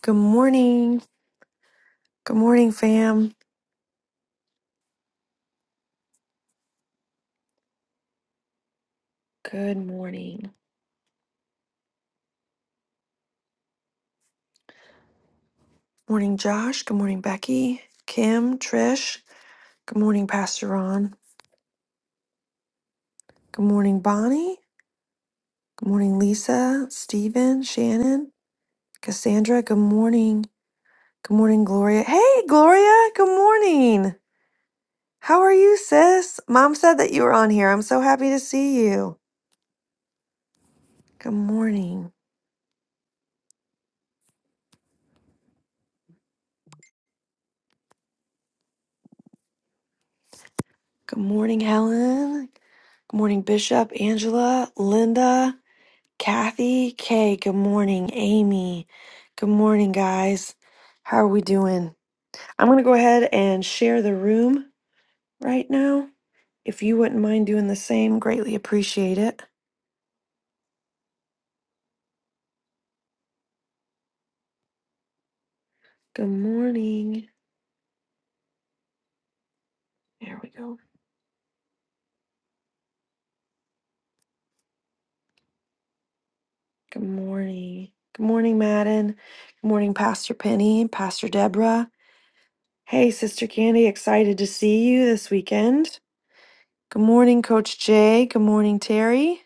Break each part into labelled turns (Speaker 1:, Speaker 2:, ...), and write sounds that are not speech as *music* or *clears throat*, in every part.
Speaker 1: Good morning. Good morning, fam. Good morning. Morning, Josh. Good morning, Becky. Kim, Trish. Good morning, Pastor Ron. Good morning, Bonnie. Good morning, Lisa, Stephen, Shannon, Cassandra. Good morning. Good morning, Gloria. Hey, Gloria. Good morning. How are you, sis? Mom said that you were on here. I'm so happy to see you. Good morning. Good morning, Helen. Good morning, Bishop, Angela, Linda. Kathy, Kay, good morning. Amy, good morning, guys. How are we doing? I'm going to go ahead and share the room right now. If you wouldn't mind doing the same, greatly appreciate it. Good morning. There we go. Good morning. Good morning, Madden. Good morning, Pastor Penny, Pastor Deborah. Hey, Sister Candy, excited to see you this weekend. Good morning, Coach Jay. Good morning, Terry.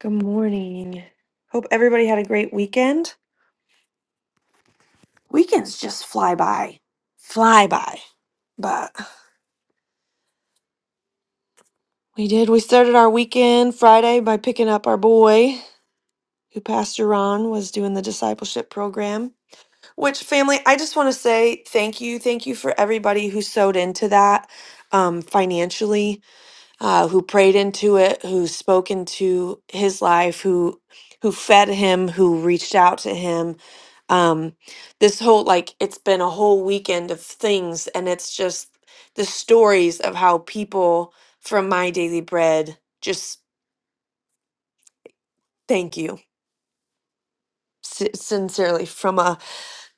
Speaker 1: Good morning. Hope everybody had a great weekend. Weekends just fly by, fly by. But we did. We started our weekend Friday by picking up our boy, who Pastor Ron was doing the discipleship program. Which family? I just want to say thank you, thank you for everybody who sewed into that um, financially uh, who prayed into it, who spoke into his life, who who fed him, who reached out to him. Um, this whole like it's been a whole weekend of things, and it's just the stories of how people from my daily bread just thank you si- sincerely from a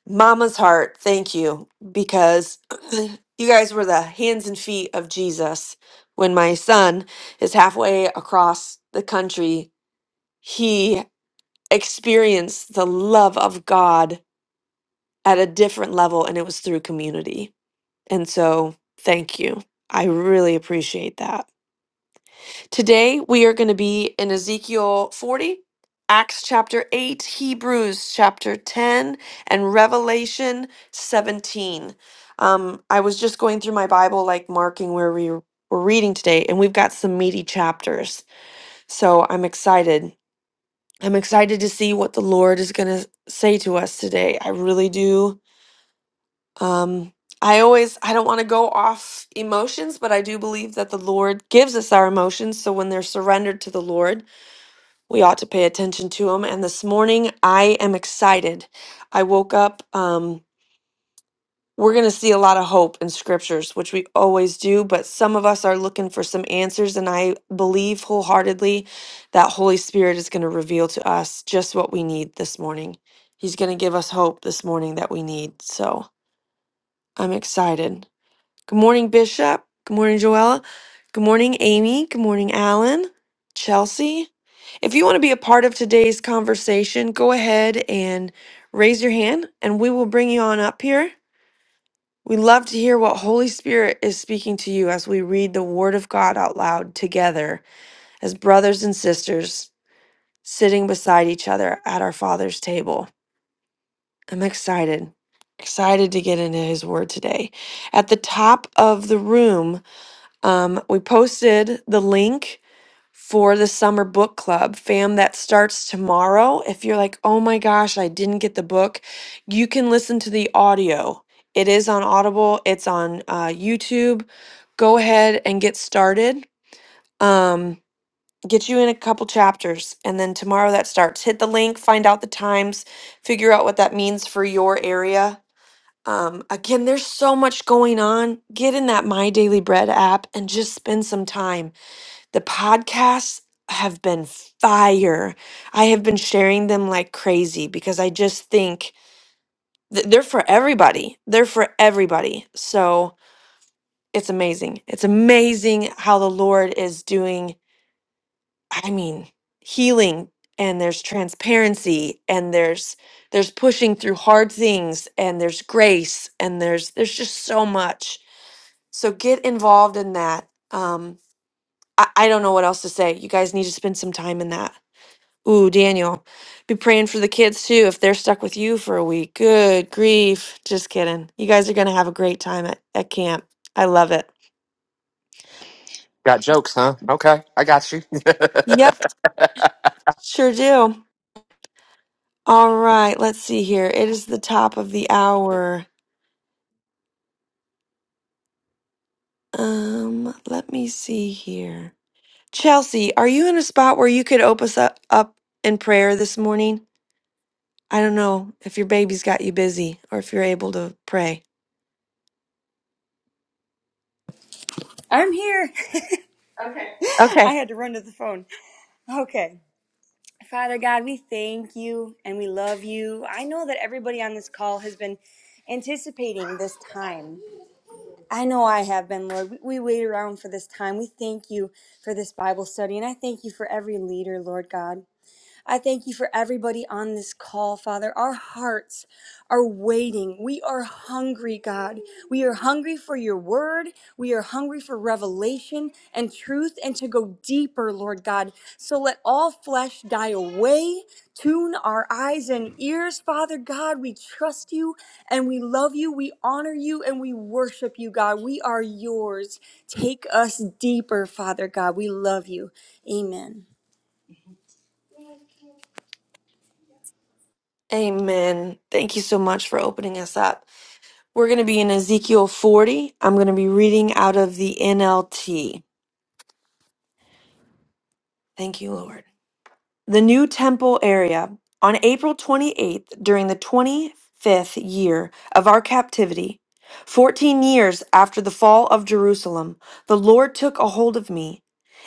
Speaker 1: mama's heart. Thank you because *clears throat* you guys were the hands and feet of Jesus when my son is halfway across the country he experienced the love of God at a different level, and it was through community. And so, thank you. I really appreciate that. Today, we are going to be in Ezekiel 40, Acts chapter 8, Hebrews chapter 10, and Revelation 17. Um, I was just going through my Bible, like marking where we were reading today, and we've got some meaty chapters. So, I'm excited. I'm excited to see what the Lord is going to say to us today. I really do. Um, I always, I don't want to go off emotions, but I do believe that the Lord gives us our emotions. So when they're surrendered to the Lord, we ought to pay attention to them. And this morning, I am excited. I woke up. Um, we're going to see a lot of hope in scriptures, which we always do, but some of us are looking for some answers. And I believe wholeheartedly that Holy Spirit is going to reveal to us just what we need this morning. He's going to give us hope this morning that we need. So I'm excited. Good morning, Bishop. Good morning, Joella. Good morning, Amy. Good morning, Alan. Chelsea. If you want to be a part of today's conversation, go ahead and raise your hand and we will bring you on up here. We love to hear what Holy Spirit is speaking to you as we read the Word of God out loud together as brothers and sisters sitting beside each other at our Father's table. I'm excited, excited to get into His Word today. At the top of the room, um, we posted the link for the summer book club, fam, that starts tomorrow. If you're like, oh my gosh, I didn't get the book, you can listen to the audio. It is on Audible, it's on uh, YouTube. Go ahead and get started. Um, get you in a couple chapters, and then tomorrow that starts. Hit the link, find out the times, figure out what that means for your area um, again, there's so much going on. Get in that My Daily Bread app and just spend some time. The podcasts have been fire. I have been sharing them like crazy because I just think th- they're for everybody. They're for everybody. So it's amazing. It's amazing how the Lord is doing, I mean, healing and there's transparency and there's there's pushing through hard things and there's grace and there's there's just so much So get involved in that. Um, I, I don't know what else to say. You guys need to spend some time in that. Ooh, Daniel, be praying for the kids too if they're stuck with you for a week. Good grief. Just kidding. You guys are going to have a great time at, at camp. I love it.
Speaker 2: Got jokes, huh? Okay, I got you. *laughs*
Speaker 1: Yep, sure do. All right, let's see here. It is the top of the hour. Um, let me see here. Chelsea, are you in a spot where you could open us up, up in prayer this morning? I don't know if your baby's got you busy or if you're able to pray.
Speaker 3: I'm here. *laughs* I
Speaker 1: Okay.
Speaker 3: had to run to the phone. Okay. Father God, we thank you and we love you. I know that everybody on this call has been anticipating this time. I know I have been, Lord. We, we wait around for this time. We thank you for this Bible study and I thank you for every leader, Lord God. I thank you for everybody on this call, Father. Our hearts are waiting. We are hungry, God. We are hungry for your word. We are hungry for revelation and truth and to go deeper, Lord God. So let all flesh die away. Tune our eyes and ears, Father God. We trust you and we love you. We honor you and we worship you, God. We are yours. Take us deeper, Father God. We love you. Amen.
Speaker 1: Amen. Thank you so much for opening us up. We're going to be in Ezekiel 40. I'm going to be reading out of the NLT. Thank you, Lord. the new temple area. On April 28th, during the 25th year of our captivity, 14 years after the fall of Jerusalem, the Lord took a hold of me.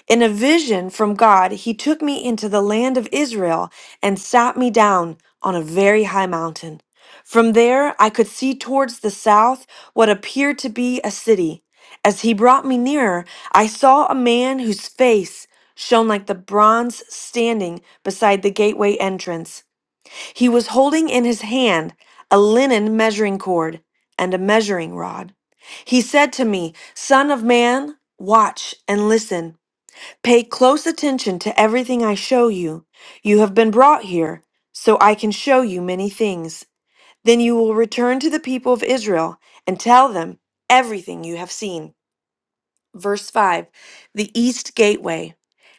Speaker 1: In a vision from God, he took me into the land of Israel and sat me down on a very high mountain. From there, I could see towards the south what appeared to be a city. As he brought me nearer, I saw a man whose face shone like the bronze standing beside the gateway entrance. He was holding in his hand a linen measuring cord and a measuring rod. He said to me, Son of man, watch and listen. Pay close attention to everything I show you. You have been brought here, so I can show you many things. Then you will return to the people of Israel and tell them everything you have seen. Verse 5 The East Gateway.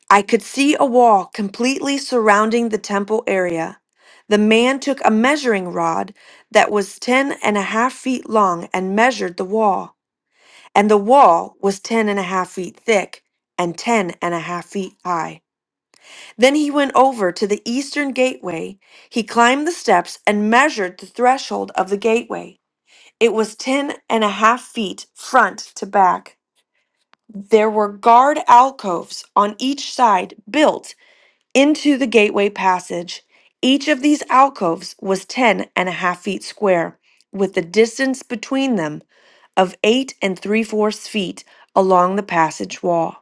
Speaker 1: I could see a wall completely surrounding the temple area. The man took a measuring rod that was ten and a half feet long and measured the wall. And the wall was ten and a half feet thick and ten and a half feet high. Then he went over to the eastern gateway. He climbed the steps and measured the threshold of the gateway. It was ten and a half feet front to back. There were guard alcoves on each side built into the gateway passage. Each of these alcoves was ten and a half feet square, with the distance between them of eight and three fourths feet along the passage wall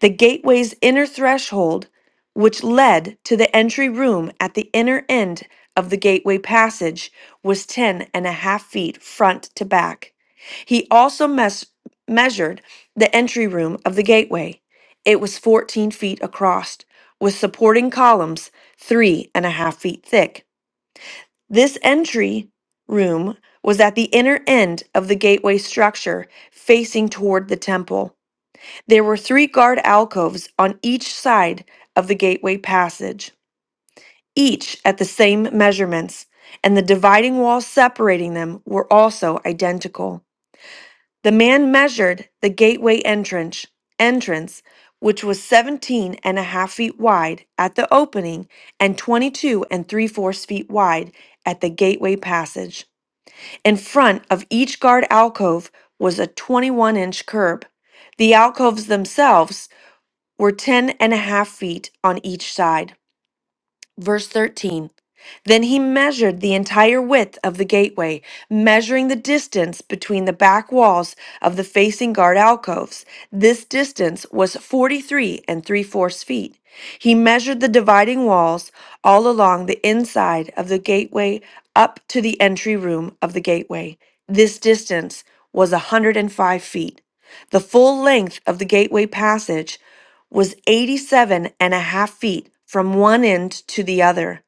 Speaker 1: the gateway's inner threshold, which led to the entry room at the inner end of the gateway passage, was ten and a half feet front to back. He also mes- measured the entry room of the gateway. It was 14 feet across, with supporting columns three and a half feet thick. This entry room was at the inner end of the gateway structure, facing toward the temple. There were three guard alcoves on each side of the gateway passage, each at the same measurements, and the dividing walls separating them were also identical. The man measured the gateway entrance, entrance, which was seventeen and a half feet wide at the opening and 22 and 3 fourths feet wide at the gateway passage. In front of each guard alcove was a 21 inch curb. The alcoves themselves were ten and a half feet on each side. Verse 13 Then he measured the entire width of the gateway, measuring the distance between the back walls of the facing guard alcoves. This distance was 43 and three fourths feet. He measured the dividing walls all along the inside of the gateway up to the entry room of the gateway. This distance was a 105 feet. The full length of the gateway passage was 87 and a half feet from one end to the other.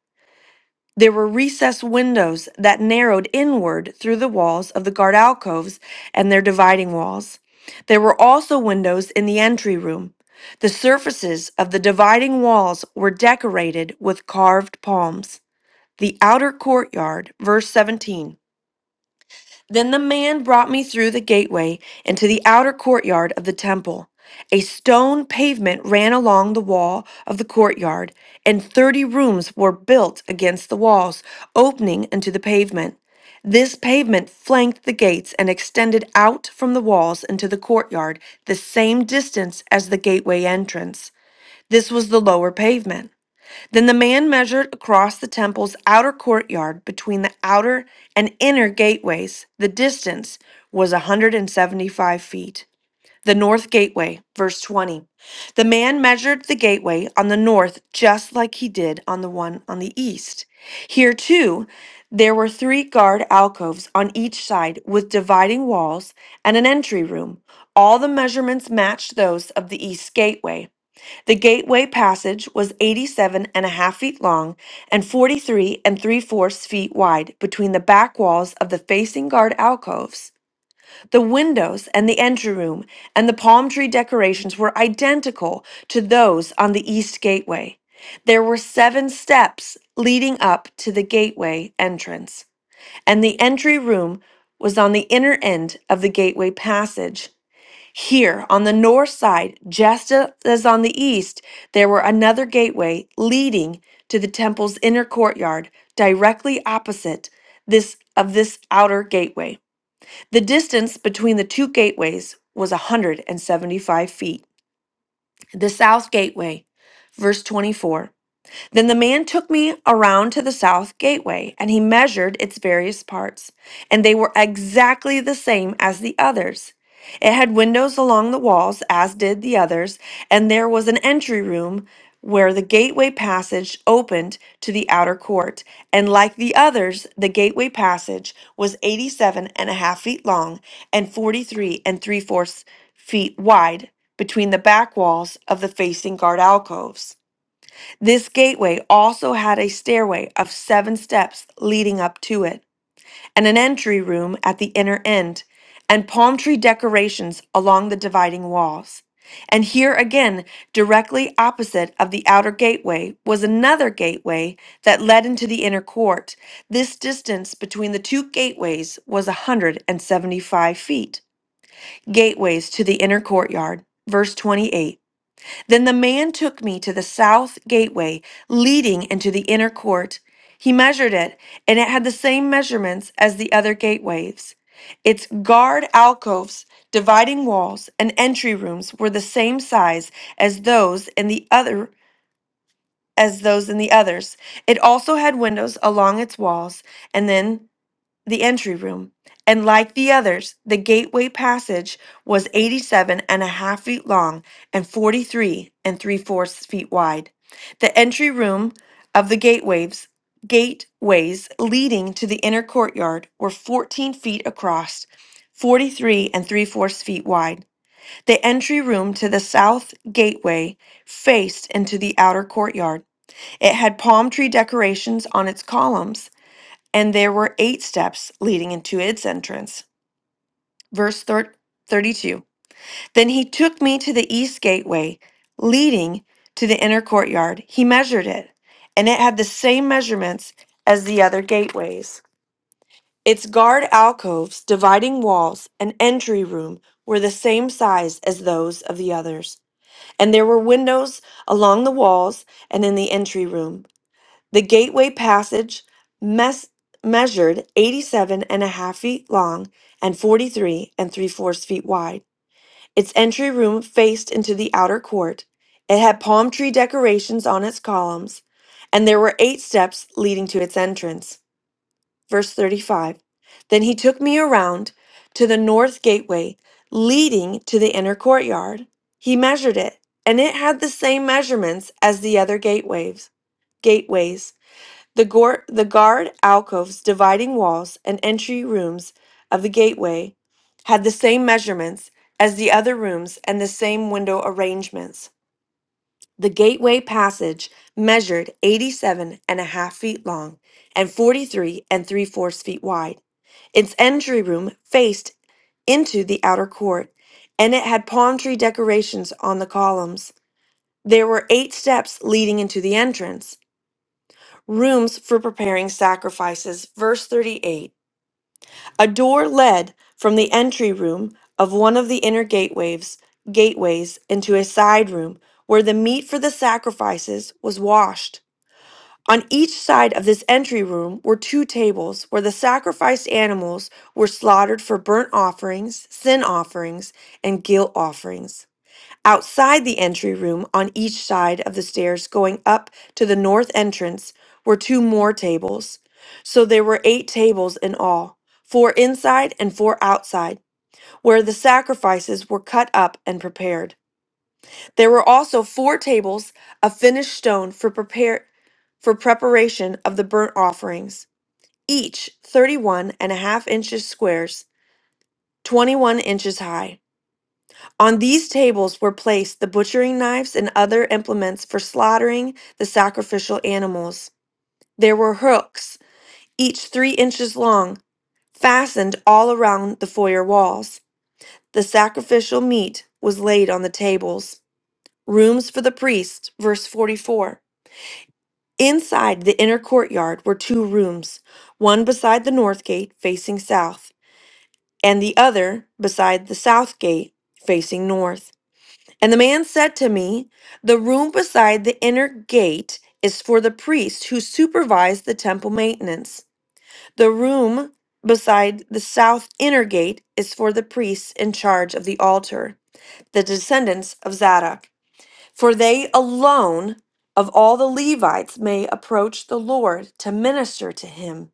Speaker 1: There were recessed windows that narrowed inward through the walls of the guard alcoves and their dividing walls. There were also windows in the entry room. The surfaces of the dividing walls were decorated with carved palms. The outer courtyard, verse 17. Then the man brought me through the gateway into the outer courtyard of the temple. A stone pavement ran along the wall of the courtyard, and thirty rooms were built against the walls, opening into the pavement. This pavement flanked the gates and extended out from the walls into the courtyard the same distance as the gateway entrance. This was the lower pavement. Then the man measured across the temple's outer courtyard between the outer and inner gateways. The distance was 175 feet. The north gateway, verse 20. The man measured the gateway on the north just like he did on the one on the east. Here, too, there were three guard alcoves on each side with dividing walls and an entry room. All the measurements matched those of the east gateway. The gateway passage was 87 and a half feet long and 43 and 3 fourths feet wide between the back walls of the facing guard alcoves. The windows and the entry room and the palm tree decorations were identical to those on the east gateway. There were seven steps leading up to the gateway entrance, and the entry room was on the inner end of the gateway passage. Here on the north side, just as on the east, there were another gateway leading to the temple's inner courtyard, directly opposite this of this outer gateway. The distance between the two gateways was 175 feet. The south gateway, verse 24. Then the man took me around to the south gateway, and he measured its various parts, and they were exactly the same as the others. It had windows along the walls, as did the others, and there was an entry room where the gateway passage opened to the outer court. And like the others, the gateway passage was eighty-seven and a half feet long and 43 and three fourths feet wide between the back walls of the facing guard alcoves. This gateway also had a stairway of seven steps leading up to it, and an entry room at the inner end, and palm tree decorations along the dividing walls. And here again, directly opposite of the outer gateway, was another gateway that led into the inner court. This distance between the two gateways was a 175 feet. Gateways to the inner courtyard. Verse 28. Then the man took me to the south gateway leading into the inner court. He measured it, and it had the same measurements as the other gateways. Its guard alcoves, dividing walls, and entry rooms were the same size as those in the other as those in the others. It also had windows along its walls, and then the entry room, and like the others, the gateway passage was eighty-seven and a half feet long and 43 and 3 fourths feet wide. The entry room of the gateways, gateways leading to the inner courtyard were 14 feet across, 43 and 3 fourths feet wide. The entry room to the south gateway faced into the outer courtyard. It had palm tree decorations on its columns and there were eight steps leading into its entrance. Verse thir- 32 Then he took me to the east gateway, leading to the inner courtyard. He measured it, and it had the same measurements as the other gateways. Its guard alcoves, dividing walls, and entry room were the same size as those of the others. And there were windows along the walls and in the entry room. The gateway passage mes- measured 87 and a half feet long and 43 and three fourths feet wide. Its entry room faced into the outer court. It had palm tree decorations on its columns, and there were eight steps leading to its entrance. Verse 35 Then he took me around to the north gateway leading to the inner courtyard. He measured it, and it had the same measurements as the other gateways gateways. The, gor- the guard alcoves, dividing walls, and entry rooms of the gateway had the same measurements as the other rooms and the same window arrangements. The gateway passage measured eighty-seven and a half feet long and 43 and three fourths feet wide. Its entry room faced into the outer court, and it had palm tree decorations on the columns. There were eight steps leading into the entrance rooms for preparing sacrifices. Verse 38 A door led from the entry room of one of the inner gateways, gateways into a side room where the meat for the sacrifices was washed. On each side of this entry room were two tables where the sacrificed animals were slaughtered for burnt offerings, sin offerings, and guilt offerings. Outside the entry room, on each side of the stairs going up to the north entrance, were two more tables. So there were eight tables in all, four inside and four outside, where the sacrifices were cut up and prepared. There were also four tables of finished stone for prepare for preparation of the burnt offerings, each thirty-one and a half inches squares, 21 inches high. On these tables were placed the butchering knives and other implements for slaughtering the sacrificial animals. There were hooks, each three inches long, fastened all around the foyer walls. The sacrificial meat was laid on the tables. Rooms for the priest, verse 44. Inside the inner courtyard were two rooms, one beside the north gate facing south, and the other beside the south gate facing north. And the man said to me, The room beside the inner gate is for the priests who supervise the temple maintenance. The room beside the south inner gate is for the priests in charge of the altar, the descendants of Zadok. For they alone of all the Levites may approach the Lord to minister to him.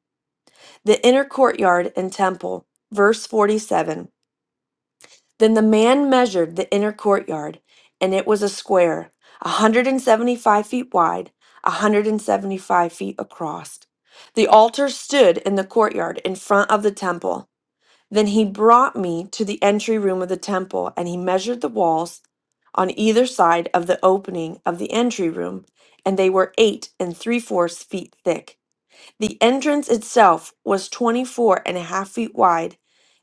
Speaker 1: The inner courtyard and temple. Verse 47. Then the man measured the inner courtyard, and it was a square, a 175 feet wide, a 175 feet across. The altar stood in the courtyard in front of the temple. Then he brought me to the entry room of the temple, and he measured the walls on either side of the opening of the entry room, and they were eight and three fourths feet thick. The entrance itself was twenty-four and a half feet wide,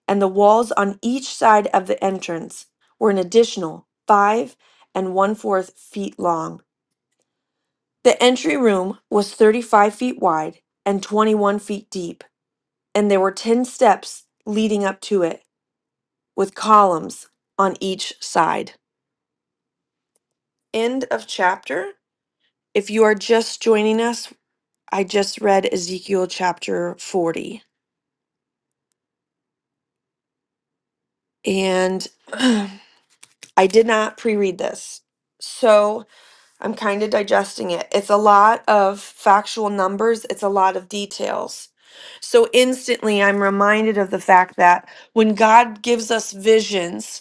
Speaker 1: and the walls on each side of the entrance were an additional five and one-fourth feet long. The entry room was 35 feet wide and 21 feet deep, and there were 10 steps leading up to it with columns on each side. End of chapter. If you are just joining us, I just read Ezekiel chapter 40. And *clears throat* I did not pre read this. So I'm kind of digesting it. It's a lot of factual numbers, it's a lot of details. So instantly, I'm reminded of the fact that when God gives us visions,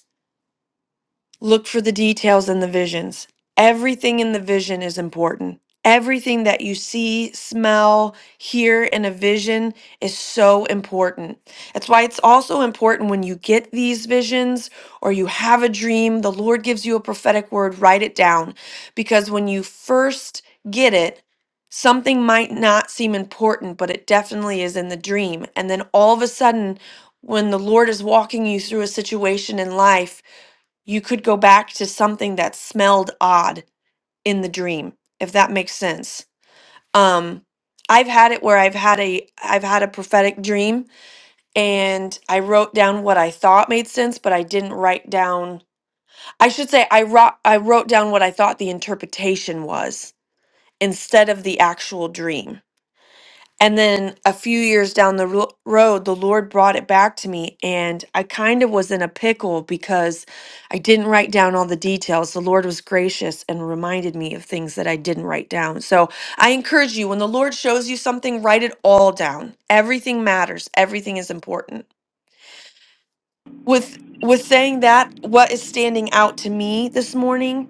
Speaker 1: Look for the details in the visions. Everything in the vision is important. Everything that you see, smell, hear in a vision is so important. That's why it's also important when you get these visions or you have a dream, the Lord gives you a prophetic word, write it down. Because when you first get it, something might not seem important, but it definitely is in the dream. And then all of a sudden, when the Lord is walking you through a situation in life, you could go back to something that smelled odd in the dream if that makes sense um i've had it where i've had a i've had a prophetic dream and i wrote down what i thought made sense but i didn't write down i should say i wrote i wrote down what i thought the interpretation was instead of the actual dream and then a few years down the ro- road, the Lord brought it back to me, and I kind of was in a pickle because I didn't write down all the details. The Lord was gracious and reminded me of things that I didn't write down. So I encourage you when the Lord shows you something, write it all down. Everything matters, everything is important. With with saying that, what is standing out to me this morning,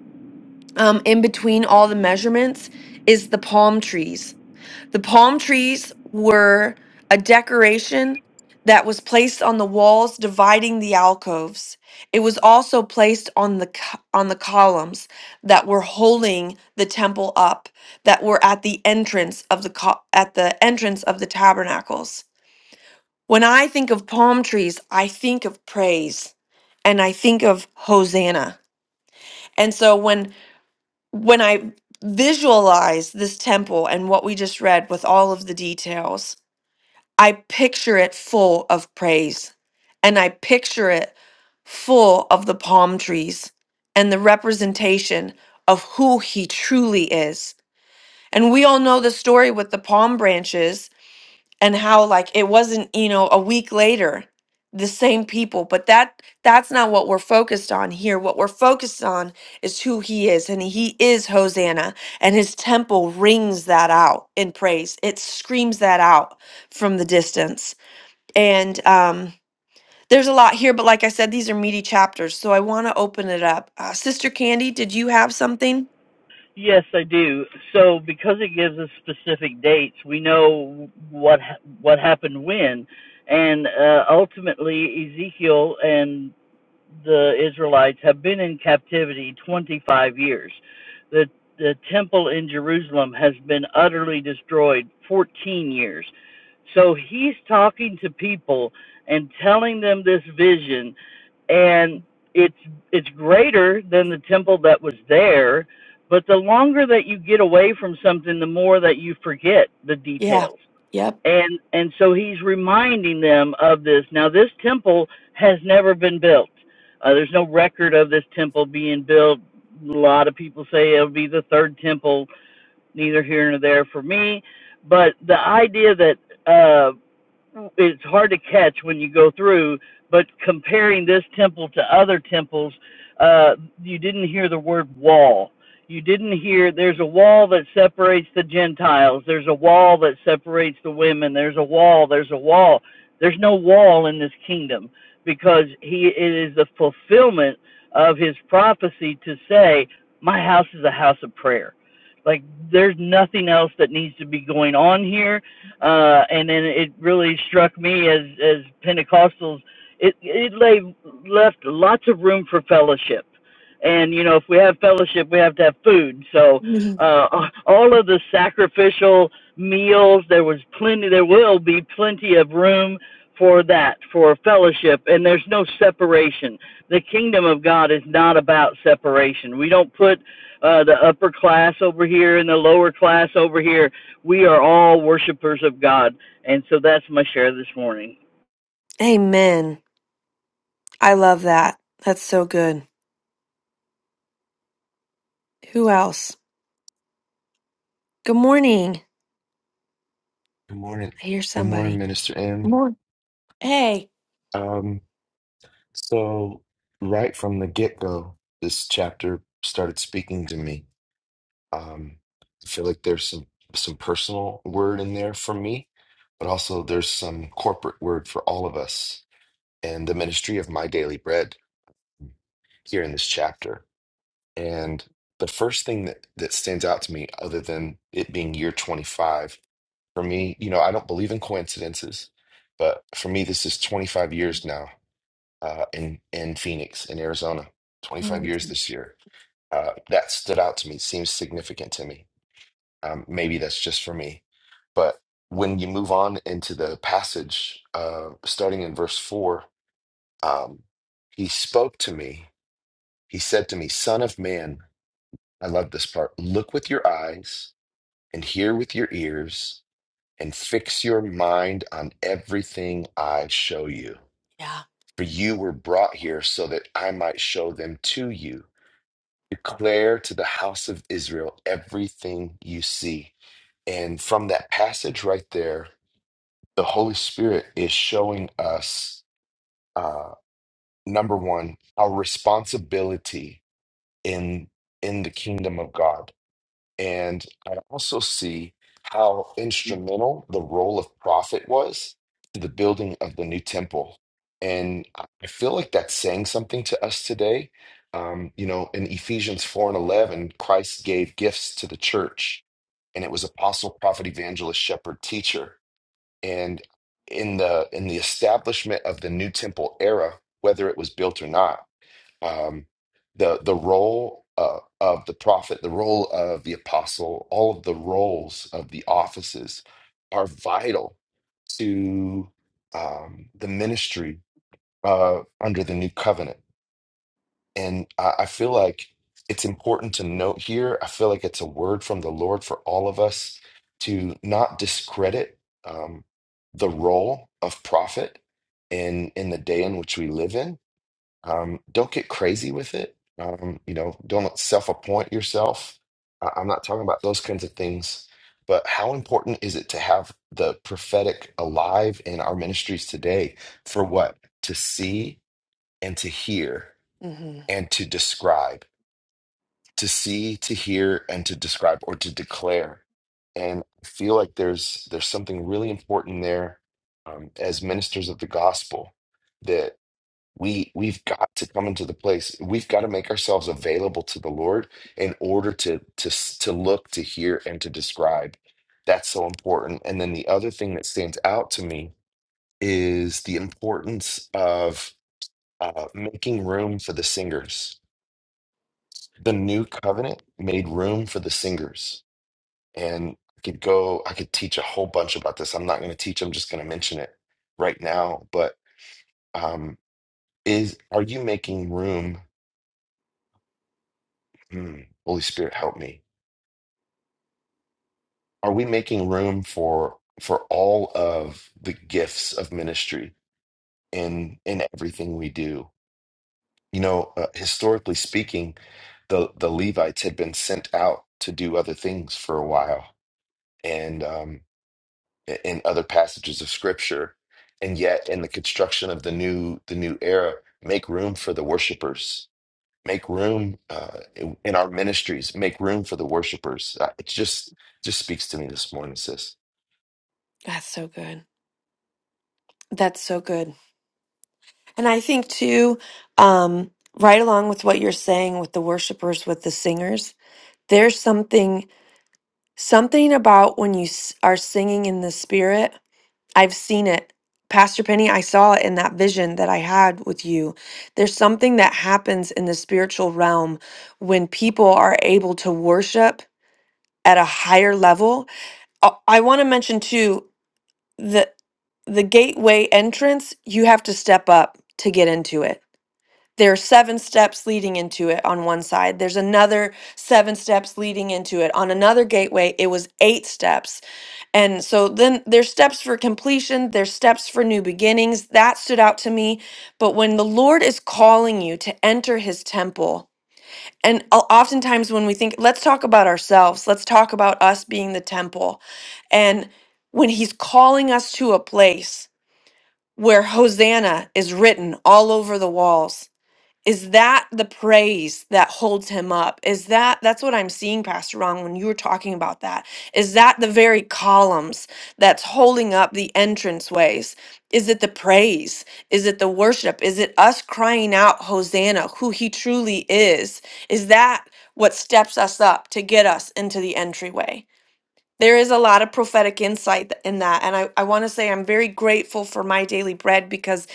Speaker 1: um, in between all the measurements, is the palm trees the palm trees were a decoration that was placed on the walls dividing the alcoves. It was also placed on the co- on the columns that were holding the temple up that were at the entrance of the co- at the entrance of the tabernacles. When I think of palm trees, I think of praise and I think of hosanna. And so when when I visualize this temple and what we just read with all of the details, I picture it full of praise. And I picture it full of the palm trees and the representation of who he truly is. And we all know the story with the palm branches and how like it wasn't, you know, a week later the same people, but that that's not what we're focused on here. What we're focused on is who he is and he is Hosanna and his temple rings that out in praise. It screams that out from the distance. And um, there's a lot here, but like I said, these are meaty chapters, so I want to open it up. Uh, Sister Candy, did you have something?
Speaker 4: Yes, I do. So because it gives us specific dates, we know what ha- what happened when, and uh, ultimately Ezekiel and the Israelites have been in captivity 25 years. The the temple in Jerusalem has been utterly destroyed 14 years. So he's talking to people and telling them this vision and it's it's greater than the temple that was there, but the longer that you get away from something the more that you forget the
Speaker 1: Yeah.
Speaker 4: details
Speaker 1: Yep.
Speaker 4: and and so he's reminding them of this now this temple has never been built uh, there's no record of this temple being built a lot of people say it'll be the third temple neither here nor there for me but the idea that uh, it's hard to catch when you go through, but comparing this temple to other temples, uh, you didn't hear the word wall. You didn't hear there's a wall that separates the Gentiles, there's a wall that separates the women, there's a wall, there's a wall. There's no wall in this kingdom because he it is the fulfillment of his prophecy to say, My house is a house of prayer. Like there's nothing else that needs to be going on here uh, and then it really struck me as as Pentecostals, it it lay, left lots of room for fellowship, and you know if we have fellowship, we have to have food. So
Speaker 1: Mhm.
Speaker 4: uh, all of the sacrificial meals, there was plenty. There will be plenty of room for that for fellowship and there's no separation the kingdom of god is not about separation we don't put uh, the upper class over here and the lower class over here we are all worshipers of God. And so that's my share this morning.
Speaker 1: Amen. I love that. That's so good. Who else? Good morning.
Speaker 5: Good morning.
Speaker 1: I hear
Speaker 5: Good morning,
Speaker 1: somebody.
Speaker 5: Minister
Speaker 1: Good
Speaker 5: M.
Speaker 1: Morning. Hey.
Speaker 5: Um, so right from the get-go, this chapter started speaking to me. Um, I feel like there's some some personal word in there for me, but also there's some corporate word for all of us and the ministry of my daily bread here in this chapter. And the first thing that that stands out to me, other than it being year 25, for me, you know, I don't believe in coincidences, but for me, this is 25 years now uh, in in Phoenix, in Arizona. 25
Speaker 1: Mm.
Speaker 5: years this year. Uh, that stood out to me. Seems significant to me. Um, maybe that's just for me, but when you move on into the passage, uh, starting in verse four, um, he spoke to me. He said to me, "Son of man," I love this part. Look with your eyes and hear with your ears. And fix your mind on everything I show you. For you were brought here so that I might show them to you Declare to the house of Israel everything you see. And from that passage right there, the Holy Spirit is showing us uh, number one, our responsibility in in the kingdom of God and I also see how
Speaker 1: hmm
Speaker 5: instrumental the role of prophet was to the building of the new temple. And I I feel like that's saying something to us today. Um, you know, in Ephesians 4 and 11, Christ gave gifts to the church, and it was apostle, prophet, evangelist, shepherd, teacher. And in the in the establishment of the new temple era, whether it was built or not, um, the the role uh, of the prophet, the role of the apostle, all of the roles of the offices are vital to um, the ministry uh, under the new covenant. And I, I feel like it's important to note here. I feel like it's a word from the Lord for all of us to not discredit um, the role of prophet in in the day in which we live in um, don't get crazy with it. Um, you know, don't self-appoint yourself. I- I'm not talking about those kinds of things, but how important is it to have the prophetic alive in our ministries today for what? To see and to hear and to describe, to see, to hear, and to describe or to declare. And I feel like there's there's something really important there um, as ministers of the gospel we we've got to come into the place we've got to make ourselves available to the lord in order to to s- to look to hear and to describe that's so important and then the other thing that stands out to me is the importance of uh, making room for the singers the new covenant made room for the singers and i could go i could teach a whole bunch about this i'm not going to teach i'm just going to mention it right now but um is are you making room Mm. Holy Spirit, help me. Are we making room for for all of the gifts of ministry in in everything we do? You know, uh, historically speaking, the the Levites had been sent out to do other things for a while, and um, i- in other passages of Scripture, and yet in the construction of the new the new era, make room for the worshipers make room uh, in our ministries, make room for the worshipers. Uh, It just just speaks to me this morning, sis.
Speaker 1: That's so good. That's so good. And I think too, um, right along with what you're saying with the worshipers, with the singers, there's something. Something about when you s- are singing in the spirit, I've seen it. Pastor Penny, I saw it in that vision that I had with you. There's something that happens in the spiritual realm when people are able to worship at a higher level. Uh, I want to mention too that the gateway entrance, you have to step up to get into it. There are seven steps leading into it on one side. There's another seven steps leading into it. On another gateway, it was eight steps and so then there's steps for completion, there's steps for new beginnings. That stood out to me. But when the Lord is calling you to enter his temple, and o- oftentimes when we think, let's talk about ourselves, let's talk about us being the temple. And when he's calling us to a place where Hosanna is written all over the walls, is that the praise that holds him up is that that's what i'm seeing pastor ron when you were talking about that is that the very columns that's holding up the entranceways is it the praise is it the worship is it us crying out hosanna who he truly is is that what steps us up to get us into the entryway there is a lot of prophetic insight th- in that and i, I want to say i'm very grateful for my daily bread because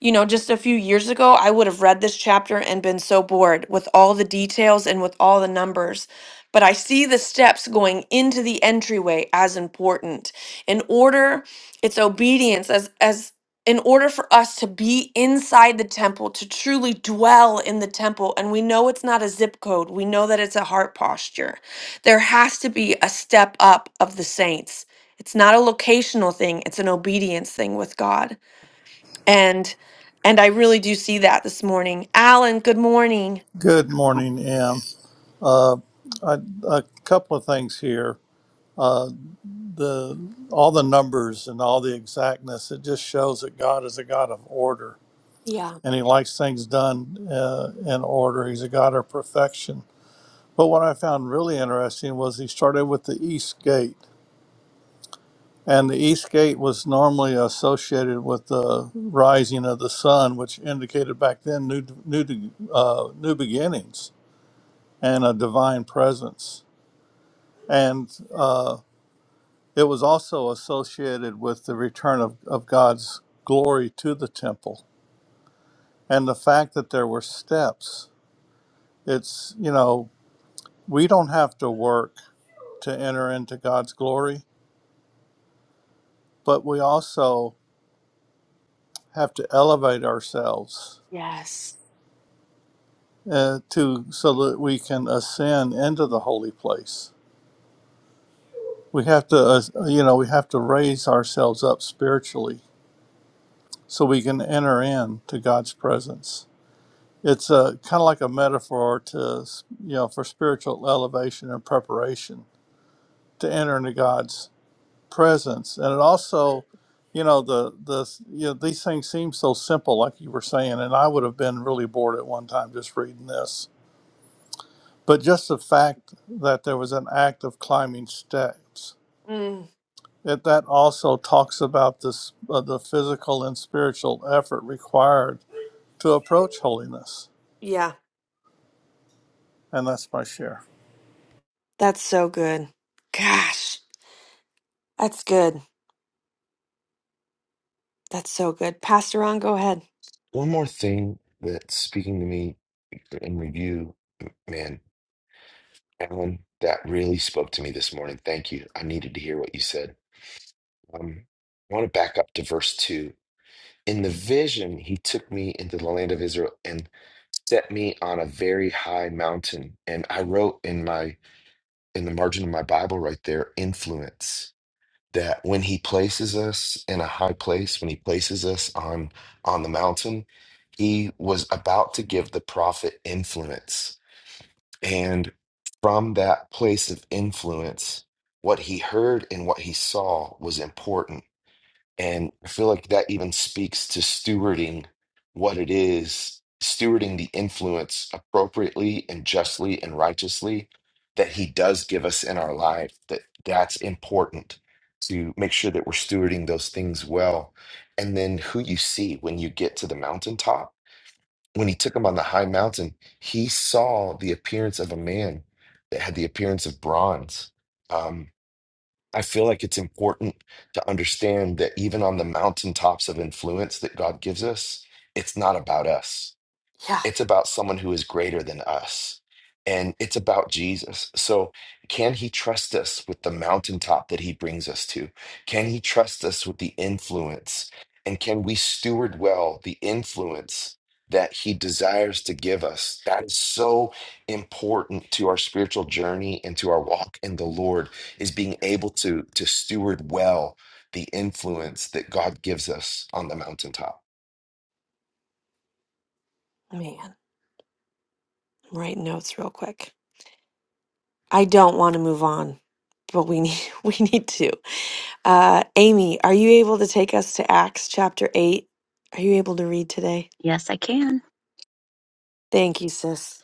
Speaker 1: you know, just a few years ago, I would have read this chapter and been so bored with all the details and with all the numbers. But I see the steps going into the entryway as important. In order, it's obedience as as in order for us to be inside the temple, to truly dwell in the temple, and we know it's not a zip code, we know that it's a heart posture. There has to be a step up of the saints. It's not a locational thing, it's an obedience thing with God and and i really do see that this morning alan good morning
Speaker 6: Good morning, Em. Uh, I, a couple of things here. Uh, the all the numbers and all the exactness it just shows that God is a God of order,
Speaker 1: Yeah.
Speaker 6: and He likes things done uh, in order. He's a God of perfection. But what I found really interesting was He started with the East Gate, and the East Gate was normally associated with the rising of the sun, which indicated back then new new uh, new beginnings and a divine presence And uh, it was also associated with the return of, of God's glory to the temple and the fact that there were steps. It's, you know, we don't have to work to enter into God's glory, but we also have to elevate ourselves
Speaker 1: Yes.
Speaker 6: uh, to so that we can ascend into the holy place. We have to, uh, you know, we have to raise ourselves up spiritually so we can enter in to God's presence. It's a kind of like a metaphor to you know for spiritual elevation and preparation to enter into God's presence, and it also, you know, the the you know these things seem so simple, like you were saying, and I would have been really bored at one time just reading this, but just the fact that there was an act of climbing steps.
Speaker 1: Mm,
Speaker 6: It, that also talks about this uh, the physical and spiritual effort required to approach holiness,
Speaker 1: yeah
Speaker 6: and that's my share.
Speaker 1: that's so good gosh that's good that's so good pastor on go ahead
Speaker 5: One more thing that's speaking to me in review, man, Alan, that really spoke to me this morning. Thank you. I needed to hear what you said. Um, I want to back up to verse two. In the vision, he took me into the land of Israel and set me on a very high mountain. And I wrote in my in the margin of my Bible right there, influence. That when he places us in a high place, when he places us on on the mountain, he was about to give the prophet influence. And from that place of influence, what he heard and what he saw was important and I feel like that even speaks to stewarding what it is, stewarding the influence appropriately and justly and righteously that he does give us in our life, that that's important to make sure that we're stewarding those things well. And then who you see when you get to the mountaintop. When he took him on the high mountain, he saw the appearance of a man that had the appearance of bronze. Um, I feel like it's important to understand that even on the mountaintops of influence that God gives us, it's not about us.
Speaker 1: yeah
Speaker 5: It's about someone who is greater than us. And it's about Jesus. So, can he trust us with the mountaintop that he brings us to? Can he trust us with the influence? And can we steward well the influence that he desires to give us? That is so important to our spiritual journey and to our walk in the Lord is being able to, to steward well the influence that God gives us on the mountaintop.
Speaker 1: man I'm writing notes real quick I don't want to move on, but we need *laughs* we need to. Uh, Amy, are you able to take us to Acts chapter eight? Are you able to read today?
Speaker 7: Yes, I can.
Speaker 1: Thank you, sis.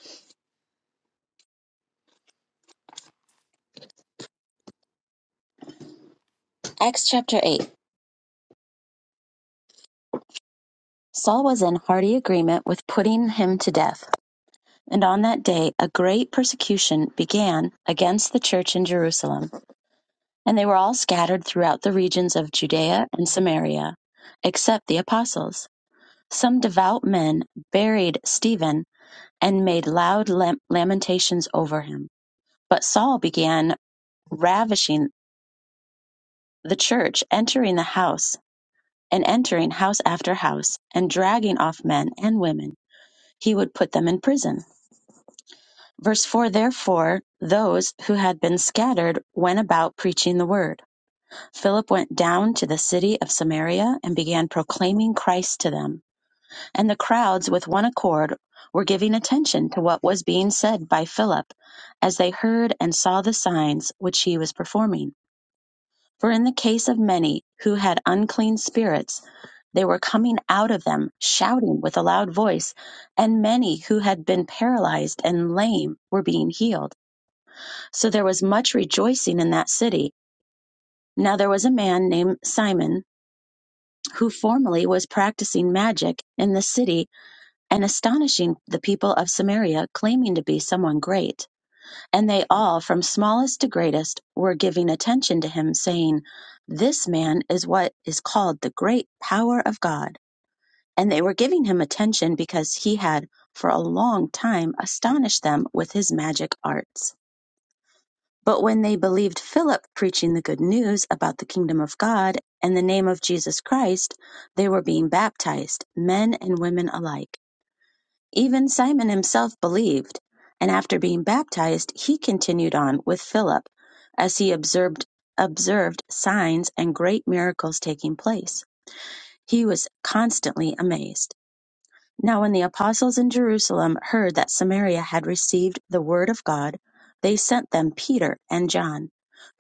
Speaker 7: Acts chapter 8. Saul was in hearty agreement with putting him to death. And on that day, a great persecution began against the church in Jerusalem. And they were all scattered throughout the regions of Judea and Samaria, except the apostles. Some devout men buried Stephen and made loud lam- lamentations over him. But Saul began ravishing the church, entering the house and entering house after house, and dragging off men and women he would put them in prison. Verse 4 Therefore, those who had been scattered went about preaching the word. Philip went down to the city of Samaria and began proclaiming Christ to them. And the crowds, with one accord, were giving attention to what was being said by Philip as they heard and saw the signs which he was performing. For in the case of many who had unclean spirits, they were coming out of them, shouting with a loud voice, and many who had been paralyzed and lame were being healed. So there was much rejoicing in that city. Now there was a man named Simon who formerly was practicing magic in the city and astonishing the people of Samaria, claiming to be someone great. And they all, from smallest to greatest, were giving attention to him, saying, This man is what is called the great power of God. And they were giving him attention because he had for a long time astonished them with his magic arts. But when they believed Philip preaching the good news about the kingdom of God and the name of Jesus Christ, they were being baptized, men and women alike. Even Simon himself believed, and after being baptized, he continued on with Philip as he observed observed signs and great miracles taking place. He was constantly amazed. Now when the apostles in Jerusalem heard that Samaria had received the word of God, they sent them Peter and John,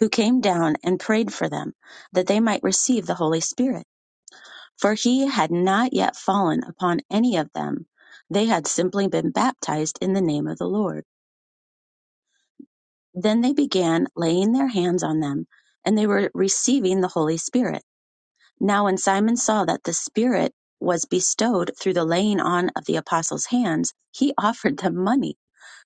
Speaker 7: who came down and prayed for them that they might receive the Holy Spirit for he had not yet fallen upon any of them. They had simply been baptized in the name of the Lord. Then they began laying their hands on them, and they were receiving the Holy Spirit. Now, when Simon saw that the Spirit was bestowed through the laying on of the apostles' hands, he *laughs* offered them money,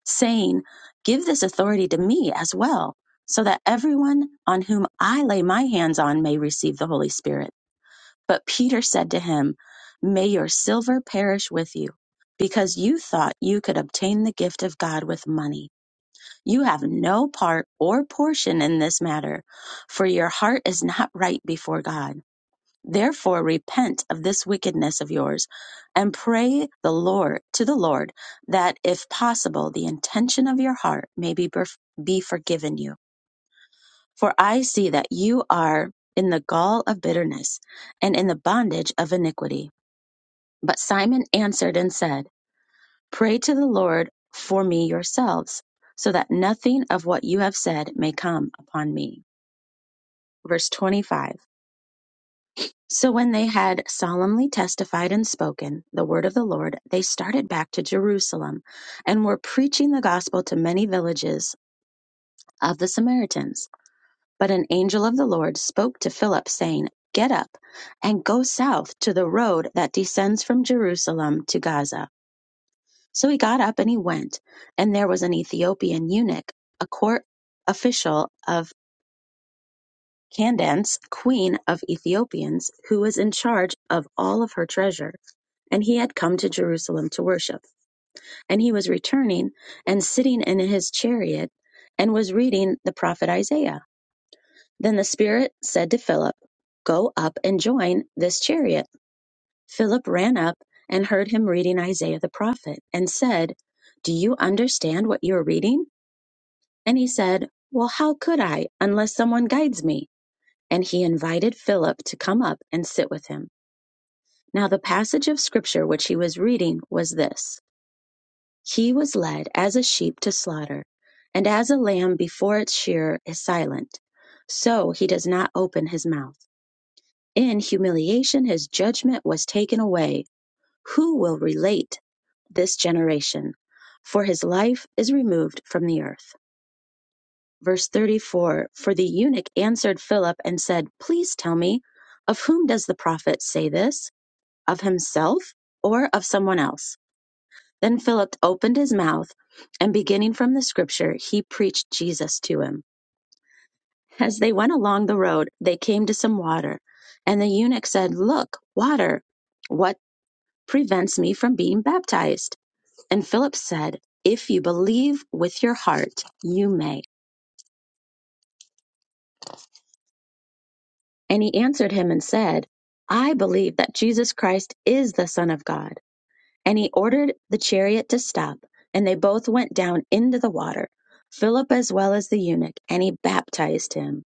Speaker 7: saying, Give this authority to me as well, so that everyone on whom I lay my hands on may receive the Holy Spirit. But Peter said to him, May your silver perish with you, because you thought you could obtain the gift of God with money. You have no part or portion in this matter, for your heart is not right before God. Therefore, repent of this wickedness of yours and pray the Lord to the Lord that, if possible, the intention of your heart may be, berf- be forgiven you. For I see that you are in the gall of bitterness and in the bondage of iniquity. But Simon answered and said, Pray to the Lord for me yourselves, so that nothing of what you have said may come upon me. Verse 25. So when they had solemnly testified and spoken the word of the Lord, they started back to Jerusalem and were preaching the gospel to many villages of the Samaritans. But an angel of the Lord spoke to Philip, saying, Get up and go south to the road that descends from Jerusalem to Gaza. So he got up and he went, and there was an Ethiopian eunuch, a court official of Candace, queen of Ethiopians, who was in charge of all of her treasure, and he had come to Jerusalem to worship. And he was returning and sitting in his chariot and was reading the prophet Isaiah. Then the Spirit said to Philip, Go up and join this chariot. Philip ran up and heard him reading Isaiah the prophet and said, Do you understand what you are reading? And he said, Well, how could I unless someone guides me? And he invited Philip to come up and sit with him. Now, the passage of scripture which he was reading was this He was led as a sheep to slaughter, and as a lamb before its shearer is silent, so he does not open his mouth. In humiliation, his judgment was taken away. Who will relate this generation? For his life is removed from the earth. Verse 34 For the eunuch answered Philip and said, Please tell me, of whom does the prophet say this? Of himself or of someone else? Then Philip opened his mouth, and beginning from the scripture, he preached Jesus to him. As they went along the road, they came to some water, and the eunuch said, Look, water, what prevents me from being baptized? And Philip said, If you believe with your heart, you may. And he answered him and said, I believe that Jesus Christ is the Son of God. And he ordered the chariot to stop, and they both went down into the water, Philip as well as the eunuch, and he baptized him.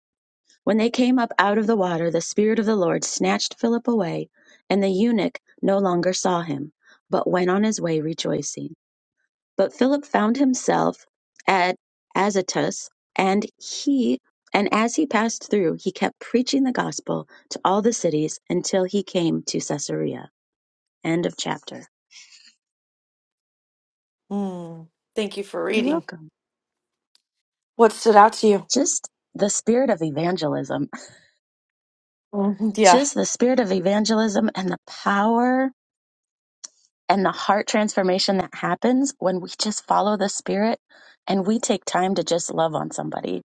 Speaker 7: When they came up out of the water, the Spirit of the Lord snatched Philip away, and the eunuch no longer saw him, but went on his way rejoicing. But Philip found himself at Azotus, and he and as he passed through, he kept preaching the gospel to all the cities until he came to Caesarea. End of chapter.
Speaker 1: Mm, thank you for
Speaker 7: You're
Speaker 1: reading.
Speaker 7: welcome.
Speaker 1: What stood out to you?
Speaker 7: Just the spirit of evangelism,
Speaker 1: Mhm. Yeah,
Speaker 7: just the spirit of evangelism and the power and the heart transformation that happens when we just follow the spirit and we take time to just love on somebody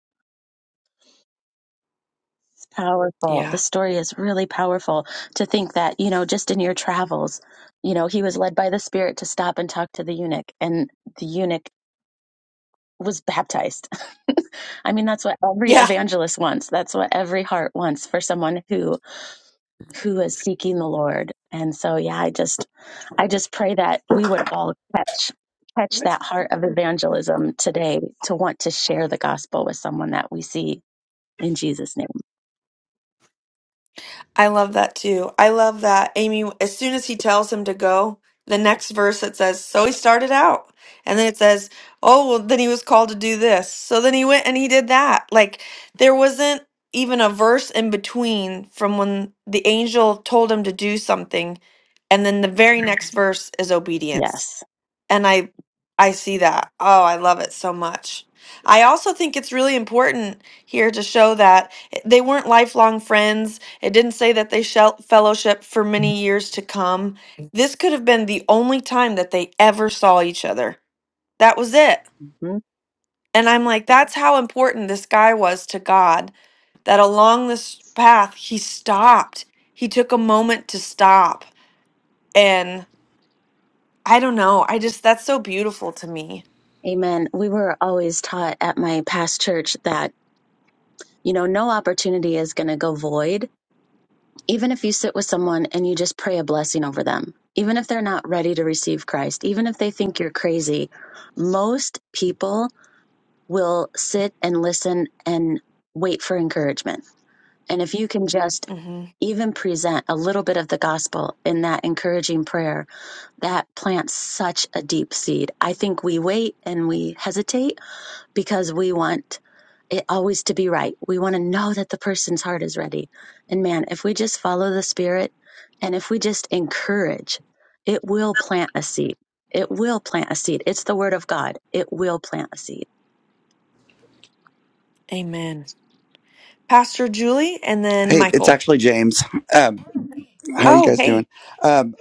Speaker 7: Powerful. The
Speaker 1: yeah,
Speaker 7: story is really powerful to think that, you know, just in your travels, you know, he was led by the Spirit to stop and talk to the eunuch, and the eunuch was baptized. *laughs* I mean, that's what every
Speaker 1: yeah.
Speaker 7: evangelist wants. That's what every heart wants for someone who who is seeking the Lord. And so, yeah, I just I just pray that we would all catch catch that heart of evangelism today to want to share the gospel with someone that we see in Jesus name.
Speaker 1: I love that too. I love that Amy, as soon as he tells him to go, the next verse it says, So he started out. And then it says, Oh, well, then he was called to do this. So then he went and he did that. Like there wasn't even a verse in between from when the angel told him to do something. And then the very next verse is obedience
Speaker 7: Yes.
Speaker 1: and i i see that oh i love it so much i also think it's really important here to show that i- they weren't lifelong friends it didn't say that they shall fellowship for many years to come this could have been the only time that they ever saw each other that was it
Speaker 7: Mhm.
Speaker 1: and i'm like that's how important this guy was to god that along this path he stopped he took a moment to stop and i don't know i just that's so beautiful to me
Speaker 7: Amen. We were always taught at my past church that, you know, no opportunity is going to go void. Even if you sit with someone and you just pray a blessing over them, even if they're not ready to receive Christ, even if they think you're crazy, most people will sit and listen and wait for encouragement. And if you can just
Speaker 1: hmm
Speaker 7: even present a little bit of the gospel in that encouraging prayer, that plants such a deep seed. I think we wait and we hesitate because we want it always to be right. We want to know that the person's heart is ready. And man, if we just follow the spirit and if we just encourage, it will plant a seed. It will plant a seed. It's the word of God. It will plant a seed.
Speaker 1: Amen. Pastor Julie and then
Speaker 8: Hey, it's
Speaker 1: Michael.
Speaker 8: actually James. Um, how are you
Speaker 1: Oh,
Speaker 8: guys doing?
Speaker 1: hey.
Speaker 8: Um,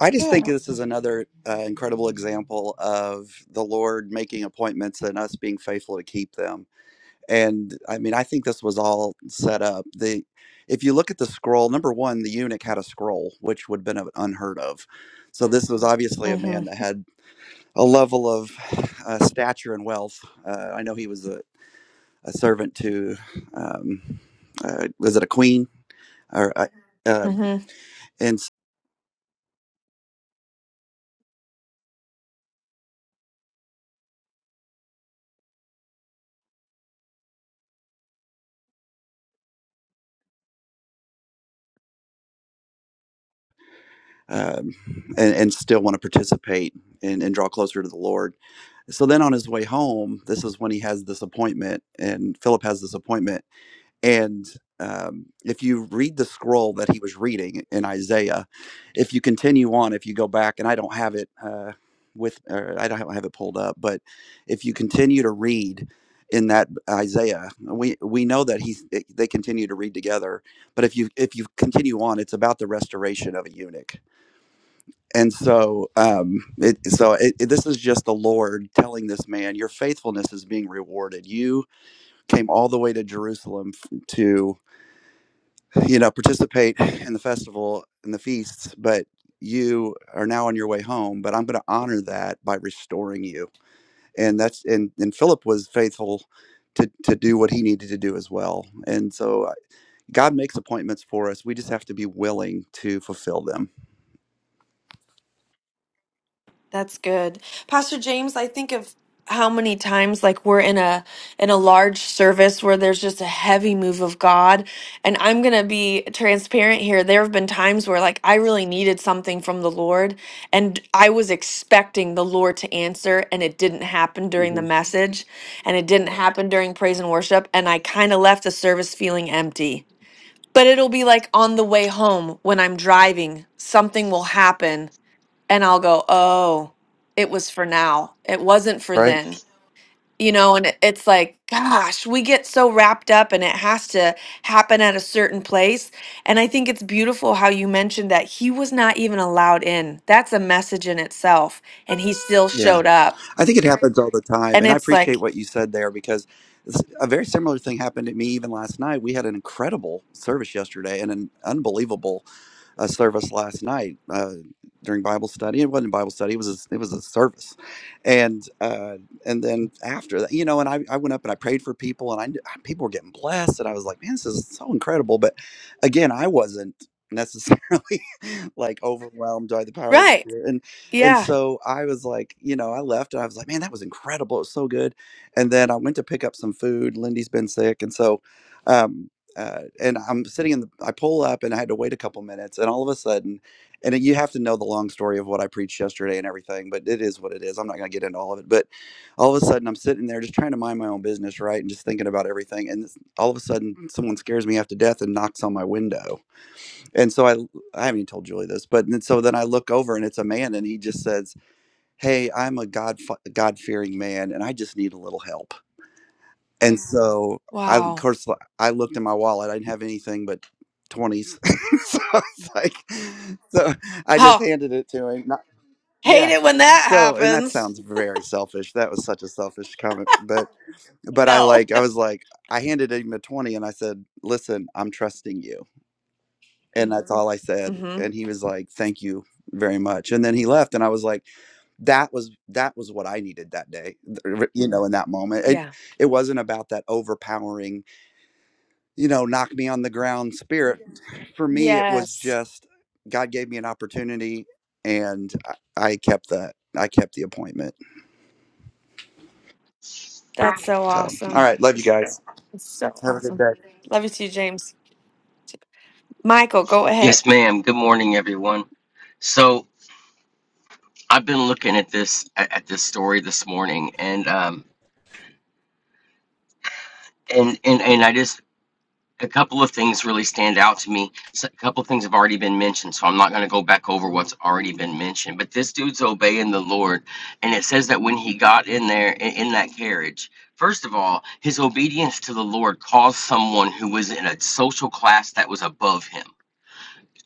Speaker 8: I just
Speaker 1: Good.
Speaker 8: think this is another uh, incredible example of the Lord making appointments and us being faithful to keep them. And I mean, I think this was all set up. The if you look at the scroll, number one, the eunuch had a scroll, which would have been unheard of. So this was obviously a man
Speaker 1: Mm-hmm.
Speaker 8: that had a level of uh, stature and wealth. Uh, I know he was a, a servant to, um, uh, was it a queen or? Uh, uh, and um, and, and still want to participate and, and draw closer to the Lord. So then on his way home, this is when he has this appointment, and Philip has this appointment. And um, if you read the scroll that he was reading in Isaiah, if you continue on, if you go back, and I don't have it uh, with, or I don't have it pulled up, but if you continue to read in that Isaiah, we we know that he's they continue to read together. But if you if you continue on, it's about the restoration of a eunuch and so um it so it, it- this is just the lord telling this man your faithfulness is being rewarded you came all the way to jerusalem f- to you know participate in the festival and the feasts but you are now on your way home but i'm going to honor that by restoring you and that's and and philip was faithful to to do what he needed to do as well and so uh, god makes appointments for us we just have to be willing to fulfill them
Speaker 1: That's good. Pastor James, I think of how many times like we're in a in a large service where there's just a heavy move of God. And I'm going to be transparent here. There have been times where like I really needed something from the Lord and I was expecting the Lord to answer and it didn't happen during
Speaker 8: hmm
Speaker 1: the message and it didn't happen during praise and worship and I kind of left the service feeling empty. But it'll be like on the way home when I'm driving, something will happen and I'll go, oh, it was for now. It wasn't for
Speaker 8: Right?
Speaker 1: then. You know, and it- it's like, gosh, we get so wrapped up and it has to happen at a certain place. And I think it's beautiful how you mentioned that he was not even allowed in. That's a message in itself. And he still
Speaker 8: Yeah.
Speaker 1: showed up.
Speaker 8: I think it happens all the time.
Speaker 1: And
Speaker 8: And I
Speaker 1: it's
Speaker 8: appreciate
Speaker 1: like,
Speaker 8: what you said there because it's- a very similar thing happened to me even last night. We had an incredible service yesterday and an unbelievable a service last night uh, during Bible study. It wasn't a Bible study; it was a, it was a service, and uh, and then after that, you know, and I, I went up and I prayed for people, and I knew- people were getting blessed, and I was like, man, this is so incredible. But again, I wasn't necessarily *laughs* like overwhelmed by the power of the
Speaker 1: right.
Speaker 8: spirit and and
Speaker 1: Yeah.
Speaker 8: so i was like you know i left and i was like man that was incredible it was so good and then i went to pick up some food lindy's been sick and so um uh, and I'm sitting in the, I pull up and I had to wait a couple minutes. And all of a sudden, and you have to know the long story of what I preached yesterday and everything, but it is what it is. I'm not going to get into all of it. But all of a sudden, I'm sitting there just trying to mind my own business, right? And just thinking about everything. And this, all of a sudden, someone scares me half to death and knocks on my window. And so I, I haven't even told Julie this, but and so then I look over and it's a man and he just says, Hey, I'm a God, God fearing man and I just need a little help. And so I, of
Speaker 1: Wow.
Speaker 8: course, I looked in my wallet. I didn't have anything but twenties. *laughs* so I was like, so I just
Speaker 1: Oh,
Speaker 8: handed it to him. Not,
Speaker 1: hate
Speaker 8: yeah.
Speaker 1: it when that
Speaker 8: So, and that
Speaker 1: happens.
Speaker 8: sounds very selfish. That was such a selfish comment, but but I
Speaker 1: No.
Speaker 8: like
Speaker 1: *laughs*
Speaker 8: I was like I handed him a twenty and I said, "Listen, I'm trusting you," and that's all I said.
Speaker 1: Mm-hmm.
Speaker 8: And he was like, "Thank you very much." And then he left, and I was like, "That was that was what I needed that day, th- you know, in that moment." It
Speaker 1: Yeah.
Speaker 8: it wasn't about that overpowering you know, knock me on the ground spirit. For me, it was
Speaker 1: Yes.
Speaker 8: just God gave me an opportunity, and I I kept the I kept the appointment.
Speaker 1: That's so
Speaker 8: So, all
Speaker 1: awesome.
Speaker 8: right, love you guys.
Speaker 1: It's so
Speaker 8: Have a good
Speaker 1: awesome.
Speaker 8: day.
Speaker 1: Love you too, James. Michael, go ahead.
Speaker 9: Yes, ma'am. Good morning, everyone. So I've been looking at this at at this story this morning, and um, and and and I just a couple of things really stand out to me. So a couple of things have already been mentioned, so I'm not going to go back over what's already been mentioned. But this dude's obeying the Lord, and it says that when he got in there in, in that carriage. First of all, his obedience to the Lord caused someone who was in a social class that was above him.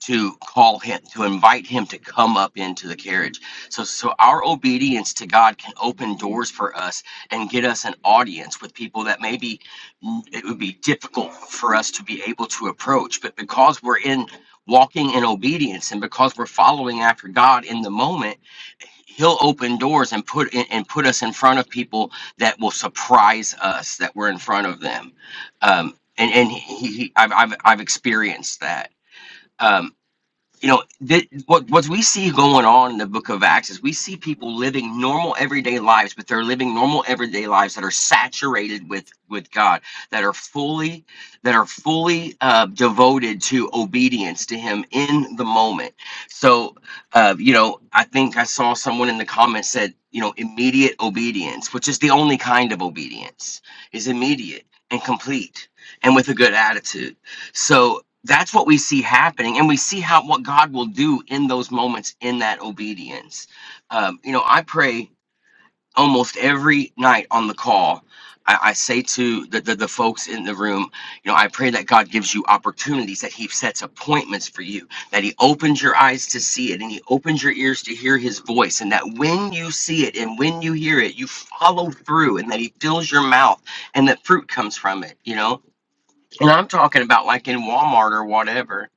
Speaker 9: to call him to invite him to come up into the carriage so so our obedience to god can open doors for us and get us an audience with people that maybe mm, it would be difficult for us to be able to approach but because we're in walking in obedience and because we're following after god in the moment he'll open doors and put and and put us in front of people that will surprise us that we're in front of them um and and he, he I've, I've i've experienced that um you know th- what what we see going on in the book of acts is we see people living normal everyday lives but they're living normal everyday lives that are saturated with with god that are fully that are fully uh, devoted to obedience to him in the moment so uh, you know i think i saw someone in the comments said you know immediate obedience which is the only kind of obedience is immediate and complete and with a good attitude so that's what we see happening, and we see how what God will do in those moments in that obedience. Um, you know, I pray almost every night on the call. I, I say to the, the the folks in the room, you know, I pray that God gives you opportunities, that He sets appointments for you, that He opens your eyes to see it, and He opens your ears to hear His voice, and that when you see it and when you hear it, you follow through, and that He fills your mouth, and that fruit comes from it. You know, and I'm talking about like in Walmart or whatever.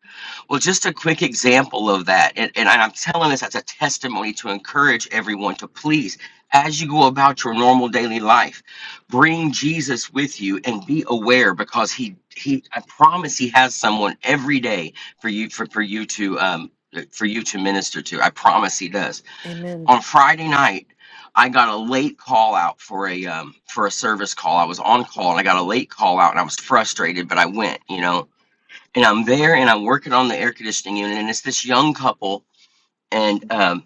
Speaker 9: Well, just a quick example of that. And, and I'm telling this as a testimony to encourage everyone to please, as you go about your normal daily life, bring Jesus with you and be aware because he, he, I promise he has someone every day for you, for, for you to, um, for you to minister to. I promise he does
Speaker 1: Amen.
Speaker 9: on Friday night, I got a late call out for a um, for a service call. I was on call and I got a late call out and I was frustrated, but I went, you know. And I'm there and I'm working on the air conditioning unit and it's this young couple and um,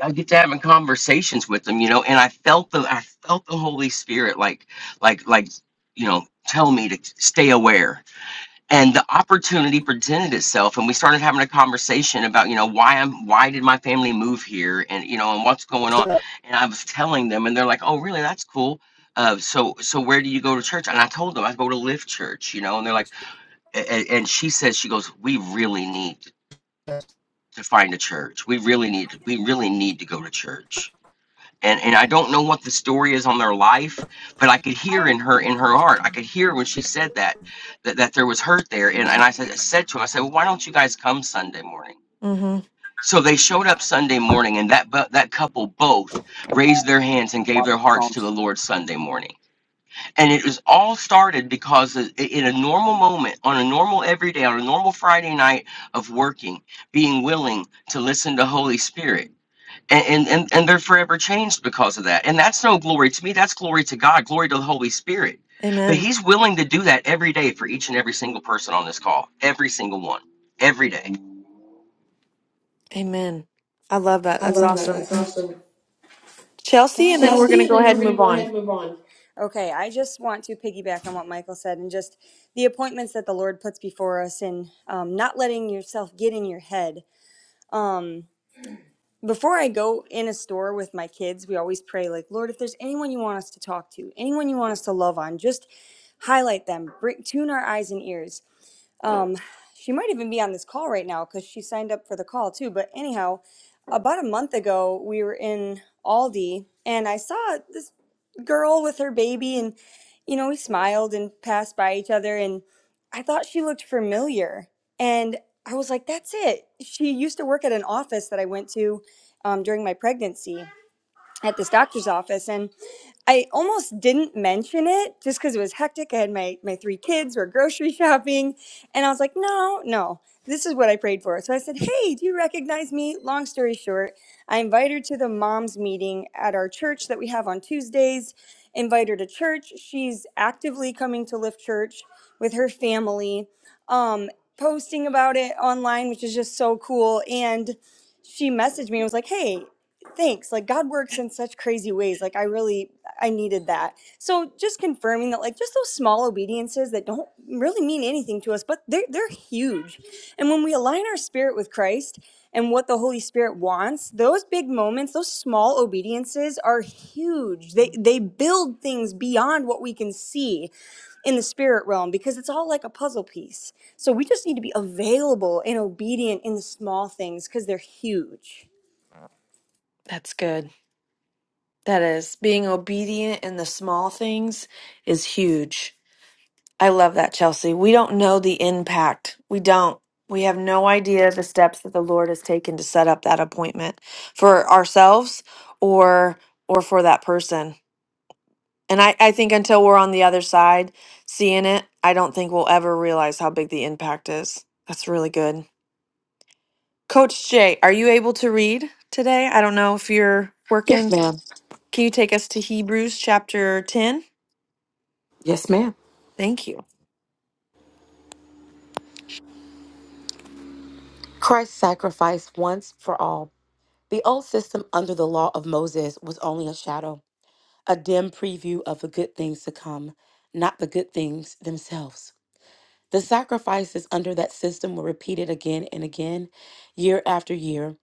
Speaker 9: I get to having conversations with them, you know. And I felt the I felt the Holy Spirit like like like you know tell me to stay aware and the opportunity presented itself and we started having a conversation about you know why i'm why did my family move here and you know and what's going on and i was telling them and they're like oh really that's cool uh, so so where do you go to church and i told them i go to lift church you know and they're like and, and she says she goes we really need to find a church we really need we really need to go to church and and I don't know what the story is on their life, but I could hear in her in her heart. I could hear when she said that that, that there was hurt there. And and I said I said to him, I said, well, why don't you guys come Sunday morning?
Speaker 1: hmm
Speaker 9: So they showed up Sunday morning, and that bu- that couple both raised their hands and gave their hearts to the Lord Sunday morning. And it was all started because i- in a normal moment, on a normal everyday, on a normal Friday night of working, being willing to listen to Holy Spirit and, and and and they're forever changed because of that and that's no glory to me that's glory to god glory to the holy spirit but
Speaker 1: Amen.
Speaker 9: he's willing to do that every day for each and every single person on this call every single one every day
Speaker 1: Amen. I love that.
Speaker 3: I
Speaker 1: That's
Speaker 3: love that.
Speaker 1: awesome.
Speaker 3: That's awesome. Can I
Speaker 1: Chelsea, and then we're going
Speaker 3: Chastity,
Speaker 1: to
Speaker 3: and
Speaker 1: go
Speaker 3: then we're
Speaker 1: ahead and
Speaker 3: going to
Speaker 1: move
Speaker 3: go ahead
Speaker 1: on.
Speaker 3: and move on. Okay, I just want to piggyback on what Michael said and just the appointments that the Lord puts before us and um, not letting yourself get in your head. Um, before I go in a store with my kids, we always pray, like, Lord, if there's anyone you want us to talk to, anyone you want us to love on, just highlight them, bring, tune our eyes and ears. Yeah. Um, she might even be on this call right now because she signed up for the call too. But anyhow, about a month ago, we were in Aldi and I saw this girl with her baby, and you know, we smiled and passed by each other, and I thought she looked familiar. And I was like, that's it. She used to work at an office that I went to um, during my pregnancy at this doctor's office and I almost didn't mention it just because it was hectic. I had my, my three kids were grocery *laughs* shopping and I was like, no, no, this is what I prayed for. So I said, hey, do you recognize me? Long story short, I invite her to the mom's meeting at our church that we have on Tuesdays. Invite her to church. She's actively coming to Lift Church with her family, um, posting about it online, which is just so cool. And she messaged me and was like, hey, thanks like god works in such crazy ways like i really i needed that so just confirming that like just those small obediences that don't really mean anything to us but they're, they're huge and when we align our spirit with christ and what the holy spirit wants those big moments those small obediences are huge they they build things beyond what we can see in the spirit realm because it's all like a puzzle piece so we just need to be available and obedient in the small things because they're huge
Speaker 1: That's good. That is. Being obedient in the small things is huge. I love that, Chelsea. We don't know the impact. We don't. We have no idea the steps that the Lord has taken to set up that appointment for ourselves or or for that person. And I, I think until we're on the other side seeing it, I don't think we'll ever realize how big the impact is. That's really good. Coach Jay, are you able to read today? I don't know if you're
Speaker 10: Yes,
Speaker 1: working.
Speaker 10: ma'am.
Speaker 1: Can you take us to Hebrews chapter 10?
Speaker 10: Yes, ma'am.
Speaker 1: Thank you.
Speaker 10: Christ sacrificed once for all. The old system under the law of Moses was only a shadow, a dim preview of the good things to come, not the good things themselves. The sacrifices under that system were repeated again and again, year after year,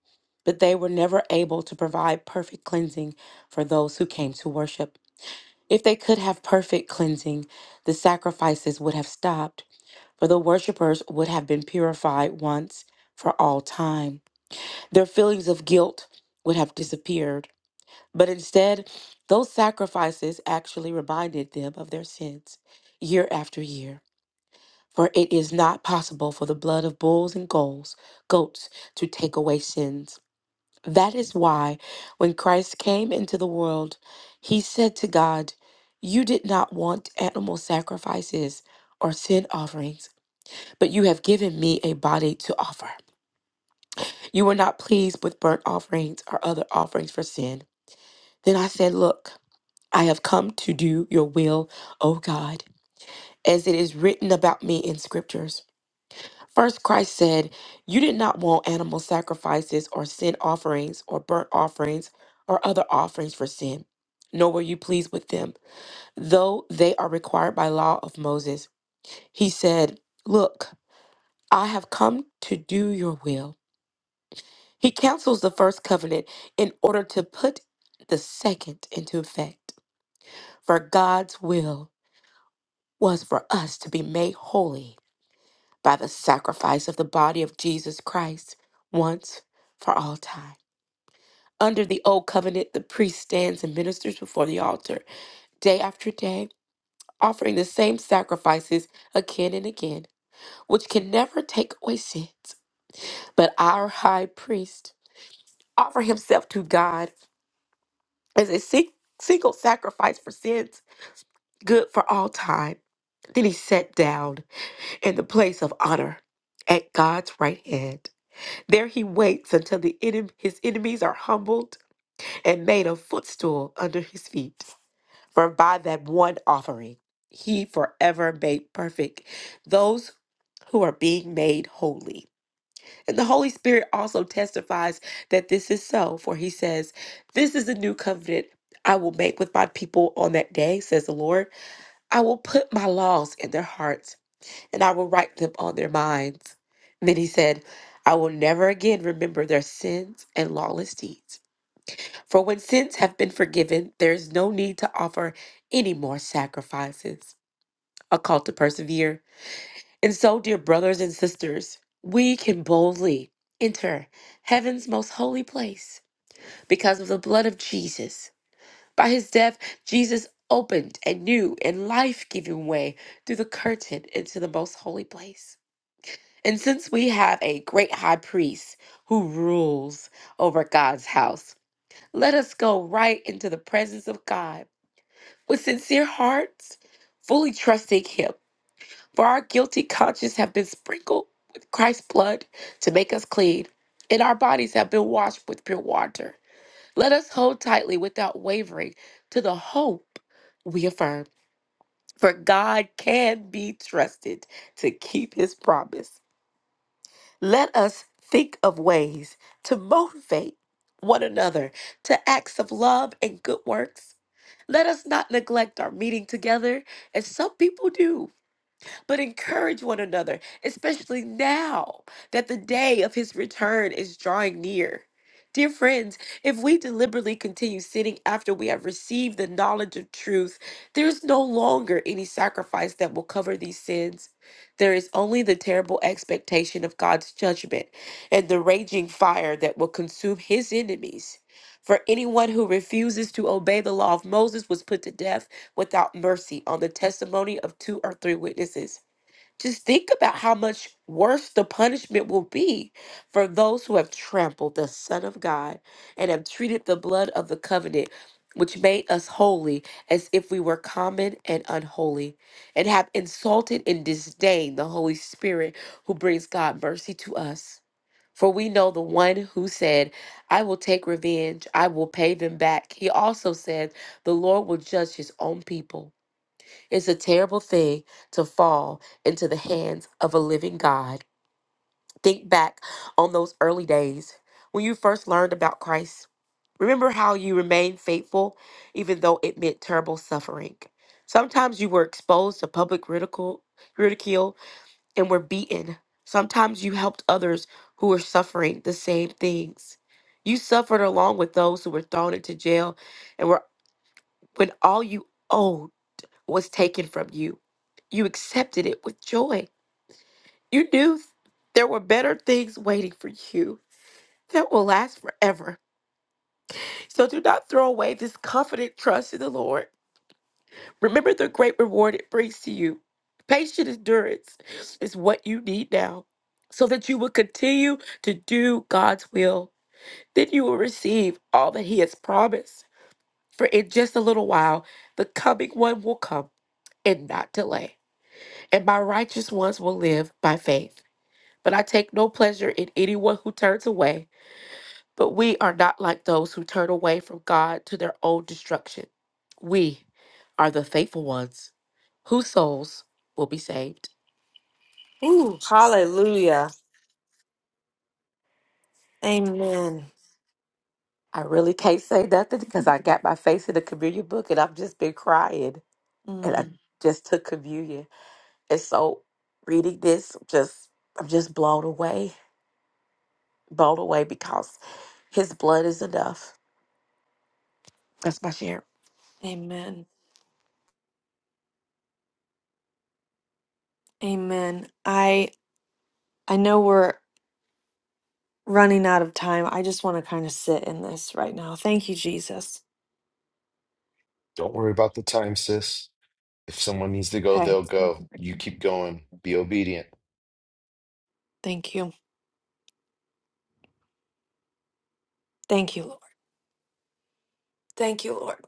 Speaker 10: but they were never able to provide perfect cleansing for those who came to worship. If they could have perfect cleansing, the sacrifices would have stopped for the worshippers would have been purified once for all time. Their feelings of guilt would have disappeared, but instead, those sacrifices actually reminded them of their sins year after year. For it is not possible for the blood of bulls and goats, goats to take away sins. That is why, when Christ came into the world, he said to God, You did not want animal sacrifices or sin offerings but you have given me a body to offer. You were not pleased with burnt offerings or other offerings for sin. Then I said, Look, I have come to do your will, O God, as it is written about me in scriptures. First, Christ said, You did not want animal sacrifices or sin offerings or burnt offerings or other offerings for sin, nor were you pleased with them, though they are required by law of Moses. He said, Look, I have come to do your will. He cancels the first covenant in order to put the second into effect. For God's will was for us to be made holy by the sacrifice of the body of Jesus Christ once for all time. Under the old covenant, the priest stands and ministers before the altar day after day, offering the same sacrifices again and again, which can never take away sins. But our high priest offered himself to God as a sing- single sacrifice for sins, good for all time. Then he sat down in the place of honor at God's right hand. There he waits until the enem- his enemies are humbled and made a footstool under his feet. For by that one offering, he forever made perfect those who are being made holy. And the Holy Spirit also testifies that this is so, for he says, This is the new covenant I will make with my people on that day, says the Lord. I will put my laws in their hearts, and I will write them on their minds. And then he said, I will never again remember their sins and lawless deeds. For when sins have been forgiven, there is no need to offer any more sacrifices. A call to persevere. And so, dear brothers and sisters, we can boldly enter heaven's most holy place because of the blood of Jesus. By his death, Jesus opened a new and life giving way through the curtain into the most holy place. And since we have a great high priest who rules over God's house, let us go right into the presence of God with sincere hearts, fully trusting him for our guilty conscience have been sprinkled with Christ's blood to make us clean, and our bodies have been washed with pure water. Let us hold tightly without wavering to the hope we affirm, for God can be trusted to keep his promise. Let us think of ways to motivate one another to acts of love and good works. Let us not neglect our meeting together, as some people do but encourage one another, especially now that the day of his return is drawing near. Dear friends, if we deliberately continue sinning after we have received the knowledge of truth, there is no longer any sacrifice that will cover these sins. There is only the terrible expectation of God's judgment and the raging fire that will consume his enemies. For anyone who refuses to obey the law of Moses was put to death without mercy on the testimony of two or three witnesses. Just think about how much worse the punishment will be for those who have trampled the Son of God and have treated the blood of the covenant, which made us holy, as if we were common and unholy, and have insulted and disdained the Holy Spirit who brings God mercy to us. For we know the one who said, I will take revenge, I will pay them back. He also said, The Lord will judge his own people. It's a terrible thing to fall into the hands of a living God. Think back on those early days when you first learned about Christ. Remember how you remained faithful even though it meant terrible suffering. Sometimes you were exposed to public ridicule, ridicule and were beaten. Sometimes you helped others who were suffering the same things. You suffered along with those who were thrown into jail and were when all you owed was taken from you. You accepted it with joy. You knew there were better things waiting for you that will last forever. So do not throw away this confident trust in the Lord. Remember the great reward it brings to you. Patient endurance is what you need now so that you will continue to do God's will. Then you will receive all that He has promised. For in just a little while, the coming one will come and not delay. and my righteous ones will live by faith. But I take no pleasure in anyone who turns away. But we are not like those who turn away from God to their own destruction. We are the faithful ones whose souls will be saved.
Speaker 1: Ooh, hallelujah. Amen.
Speaker 10: I really can't say nothing because I got my face in the communion book and I've just been crying. And
Speaker 1: Mm.
Speaker 10: I just took communion. And so reading this, just I'm just blown away. Blown away because his blood is enough. That's my share.
Speaker 1: Amen. Amen. I I know we're running out of time. I just want to kind of sit in this right now. Thank you, Jesus.
Speaker 5: Don't worry about the time, sis. If someone needs to go,
Speaker 1: Okay.
Speaker 5: they'll go. You keep going. Be obedient.
Speaker 1: Thank you. Thank you, Lord. Thank you, Lord.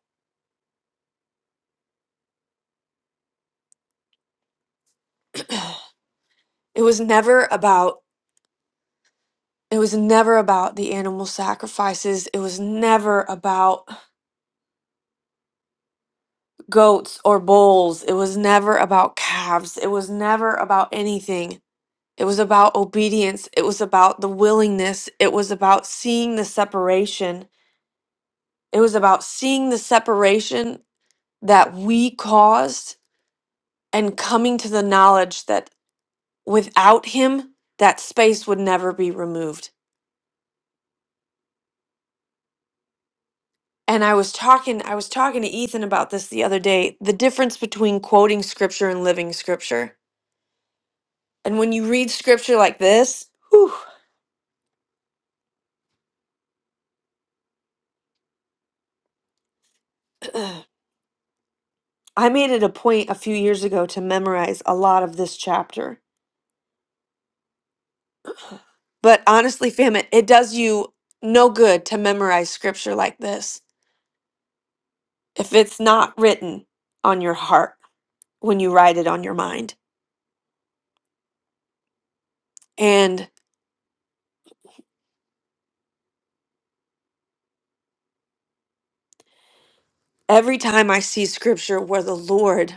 Speaker 1: *clears throat* it was never about it was never about the animal sacrifices. It was never about goats or bulls. It was never about calves. It was never about anything. It was about obedience. It was about the willingness. It was about seeing the separation It was about seeing the separation that we caused and coming to the knowledge that without him, that space would never be removed. And I was talking I was talking to Ethan about this the other day, the difference between quoting scripture and living scripture. And when you read scripture like this, whew, *clears throat* I made it a point a few years ago to memorize a lot of this chapter. But honestly, fam, it, it does you no good to memorize scripture like this if it's not written on your heart when you write it on your mind. And every time I see scripture where the Lord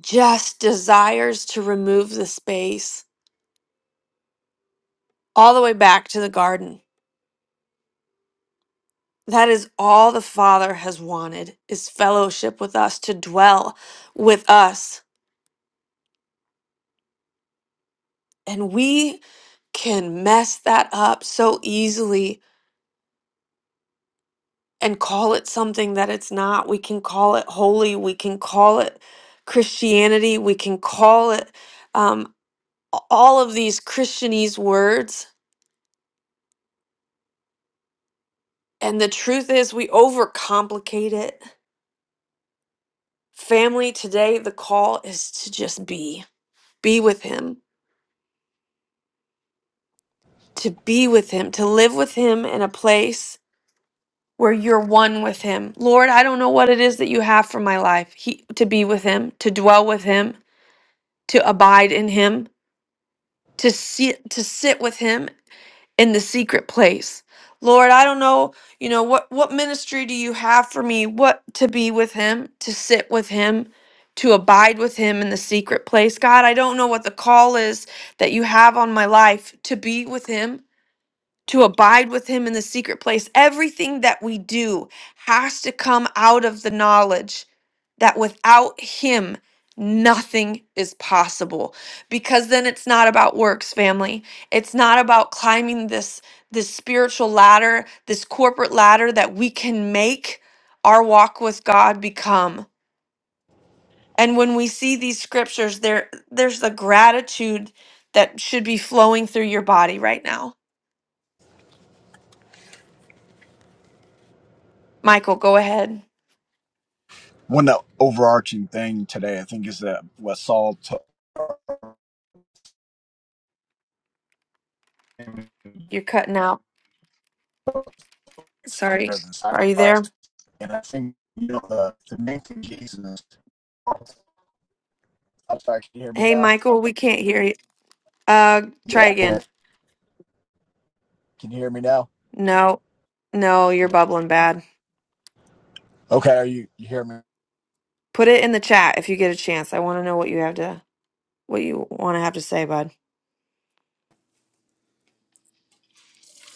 Speaker 1: just desires to remove the space all the way back to the garden, that is all the Father has wanted is fellowship with us, to dwell with us. And we can mess that up so easily and call it something that it's not. We can call it holy. We can call it Christianity. We can call it um, a- all of these Christianese words. And the truth is, we overcomplicate it. Family, today the call is to just be, be with Him, to be with Him, to live with Him in a place where you're one with Him. Lord, I don't know what it is that you have for my life. He, to be with Him, to dwell with Him, to abide in Him. to sit to sit with him in the secret place lord i don't know you know what what ministry do you have for me what to be with him to sit with him to abide with him in the secret place god i don't know what the call is that you have on my life to be with him to abide with him in the secret place. Everything that we do has to come out of the knowledge that without him, nothing is possible because then it's not about works family it's not about climbing this this spiritual ladder this corporate ladder that we can make our walk with god become and when we see these scriptures there there's the gratitude that should be flowing through your body right now michael go ahead
Speaker 11: One of the overarching thing today, I think, is that what Saul taught
Speaker 1: You're cutting out.
Speaker 11: is
Speaker 1: Sorry.
Speaker 11: better than
Speaker 1: Are you
Speaker 11: sacrifice.
Speaker 1: there?
Speaker 11: And I think you know the, the main thing Jesus. I'm sorry, can you hear me
Speaker 1: Hey,
Speaker 11: now?
Speaker 1: Michael, we can't hear you. Uh, try
Speaker 11: Yeah.
Speaker 1: again.
Speaker 11: Can you hear me now?
Speaker 1: No, no, you're bubbling bad.
Speaker 11: Okay, are you you hear me?
Speaker 1: Put it in the chat if you get a chance. I want to know what you have to, what you want to have to say, bud.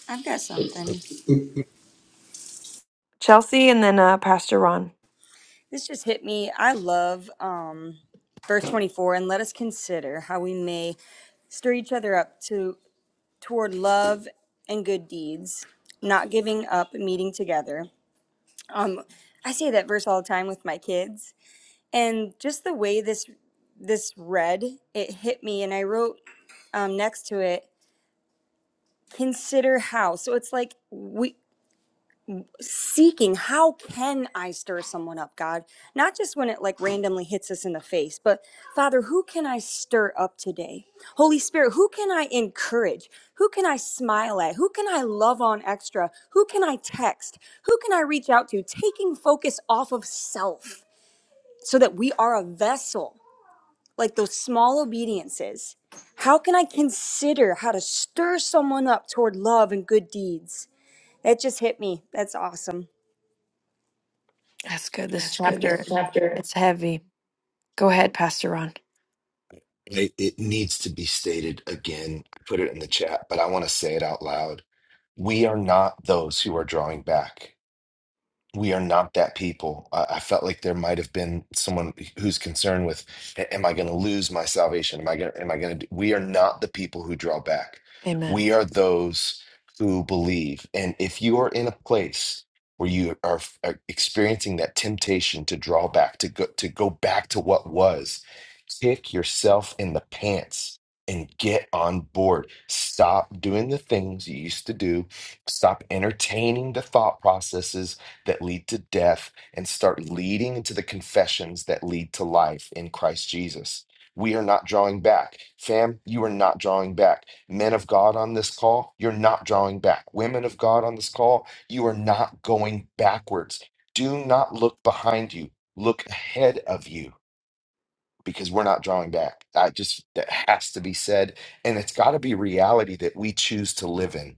Speaker 3: I've got something.
Speaker 1: Chelsea, and then uh, Pastor Ron.
Speaker 3: This just hit me. I love um, verse 24, and let us consider how we may stir each other up to toward love and good deeds, not giving up meeting together. Um, I say that verse all the time with my kids, and just the way this this read, it hit me, and I wrote um, next to it, consider how. So it's like we. seeking how can i stir someone up god not just when it like randomly hits us in the face but father who can i stir up today holy spirit who can i encourage who can i smile at who can i love on extra who can i text who can i reach out to taking focus off of self so that we are a vessel like those small obediences how can i consider how to stir someone up toward love and good deeds that just hit me that's awesome
Speaker 1: That's good. This
Speaker 3: That's good. This
Speaker 1: chapter,
Speaker 3: chapter.
Speaker 1: it's heavy. Go ahead, Pastor Ron.
Speaker 5: It, it needs to be stated again. I put it in the chat, but I want to say it out loud. We are not those who are drawing back. we are not that people. I, I felt like there might have been someone who's concerned with, "A- am I going to lose my salvation? Am I going? Am I going to? We are not the people who draw back.
Speaker 1: Amen.
Speaker 5: We are those who believe. And if you are in a place where you are, f- are experiencing that temptation to draw back, to go to go back to what was, kick yourself in the pants. And get on board. Stop doing the things you used to do. Stop entertaining the thought processes that lead to death and start leading into the confessions that lead to life in Christ Jesus. We are not drawing back. Fam, you are not drawing back. Men of God on this call, you're not drawing back. Women of God on this call, you are not going backwards. Do not look behind you, look ahead of you because we're not drawing back. I just, that has to be said. And it's got to be reality that we choose to live in.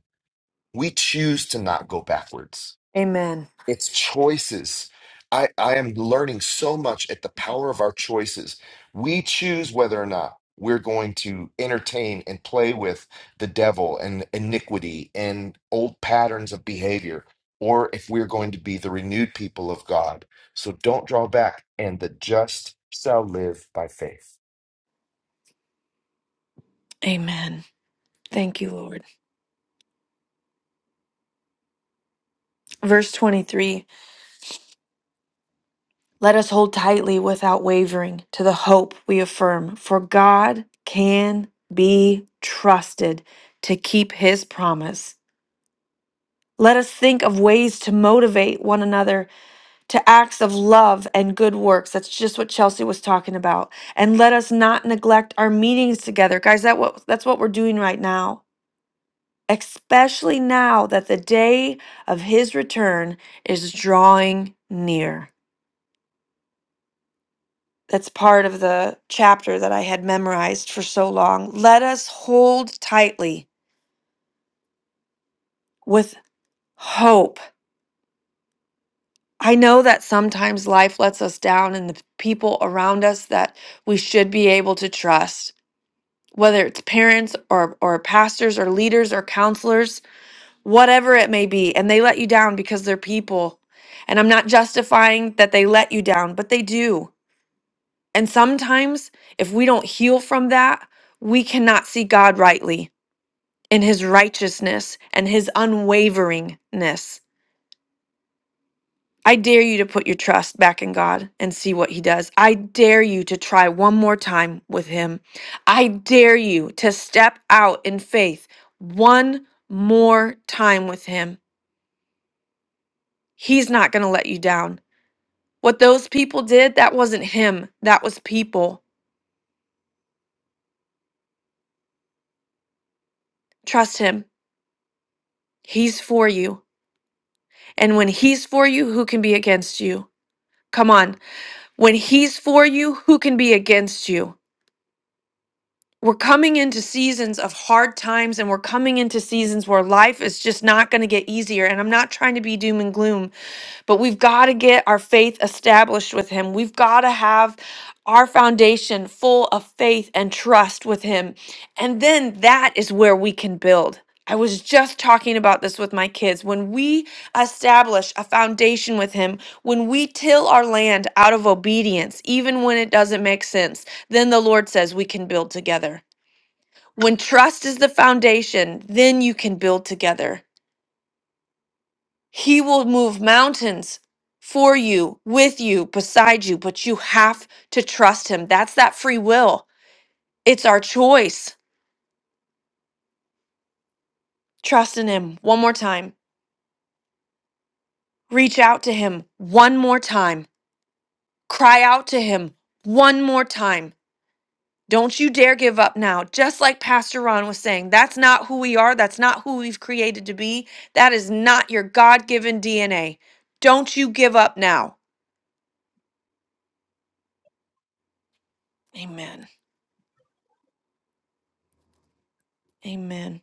Speaker 5: We choose to not go backwards
Speaker 1: Amen.
Speaker 5: it's choices. I, I am learning so much at the power of our choices. We choose whether or not we're going to entertain and play with the devil and iniquity and old patterns of behavior, or if we're going to be the renewed people of God. So don't draw back, and the just shall live by faith.
Speaker 1: Amen. Thank you, Lord. Verse 23 Let us hold tightly without wavering to the hope we affirm, for God can be trusted to keep his promise. Let us think of ways to motivate one another to acts of love and good works. That's just what Chelsea was talking about. And let us not neglect our meetings together. Guys, that what that's what we're doing right now. Especially now that the day of his return is drawing near. That's part of the chapter that I had memorized for so long. Let us hold tightly with hope. I know that sometimes life lets us down and the people around us that we should be able to trust. whether it's parents or or pastors or leaders or counselors, whatever it may be, and they let you down because they're people. And I'm not justifying that they let you down, but they do. And sometimes if we don't heal from that, we cannot see God rightly in his righteousness and his unwaveringness. I dare you to put your trust back in God and see what He does. I dare you to try one more time with Him. I dare you to step out in faith one more time with Him. He's not going to let you down. What those people did, that wasn't Him, that was people. Trust Him. He's for you. And when He's for you, who can be against you? Come on. When He's for you, who can be against you? we're coming into seasons of hard times and we're coming into seasons where life is just not going to get easier and i'm not trying to be doom and gloom but we've got to get our faith established with him we've got to have our foundation full of faith and trust with him and then that is where we can build I was just talking about this with my kids. When we establish a foundation with Him, when we till our land out of obedience, even when it doesn't make sense, then the Lord says we can build together. When trust is the foundation, then you can build together. He will move mountains for you, with you, beside you, but you have to trust Him. That's that free will. It's our choice. Trust in Him one more time. Reach out to Him one more time. Cry out to Him one more time. Don't you dare give up now. Just like Pastor Ron was saying, that's not who we are. That's not who we've created to be. That is not your God given DNA. Don't you give up now. Amen. Amen.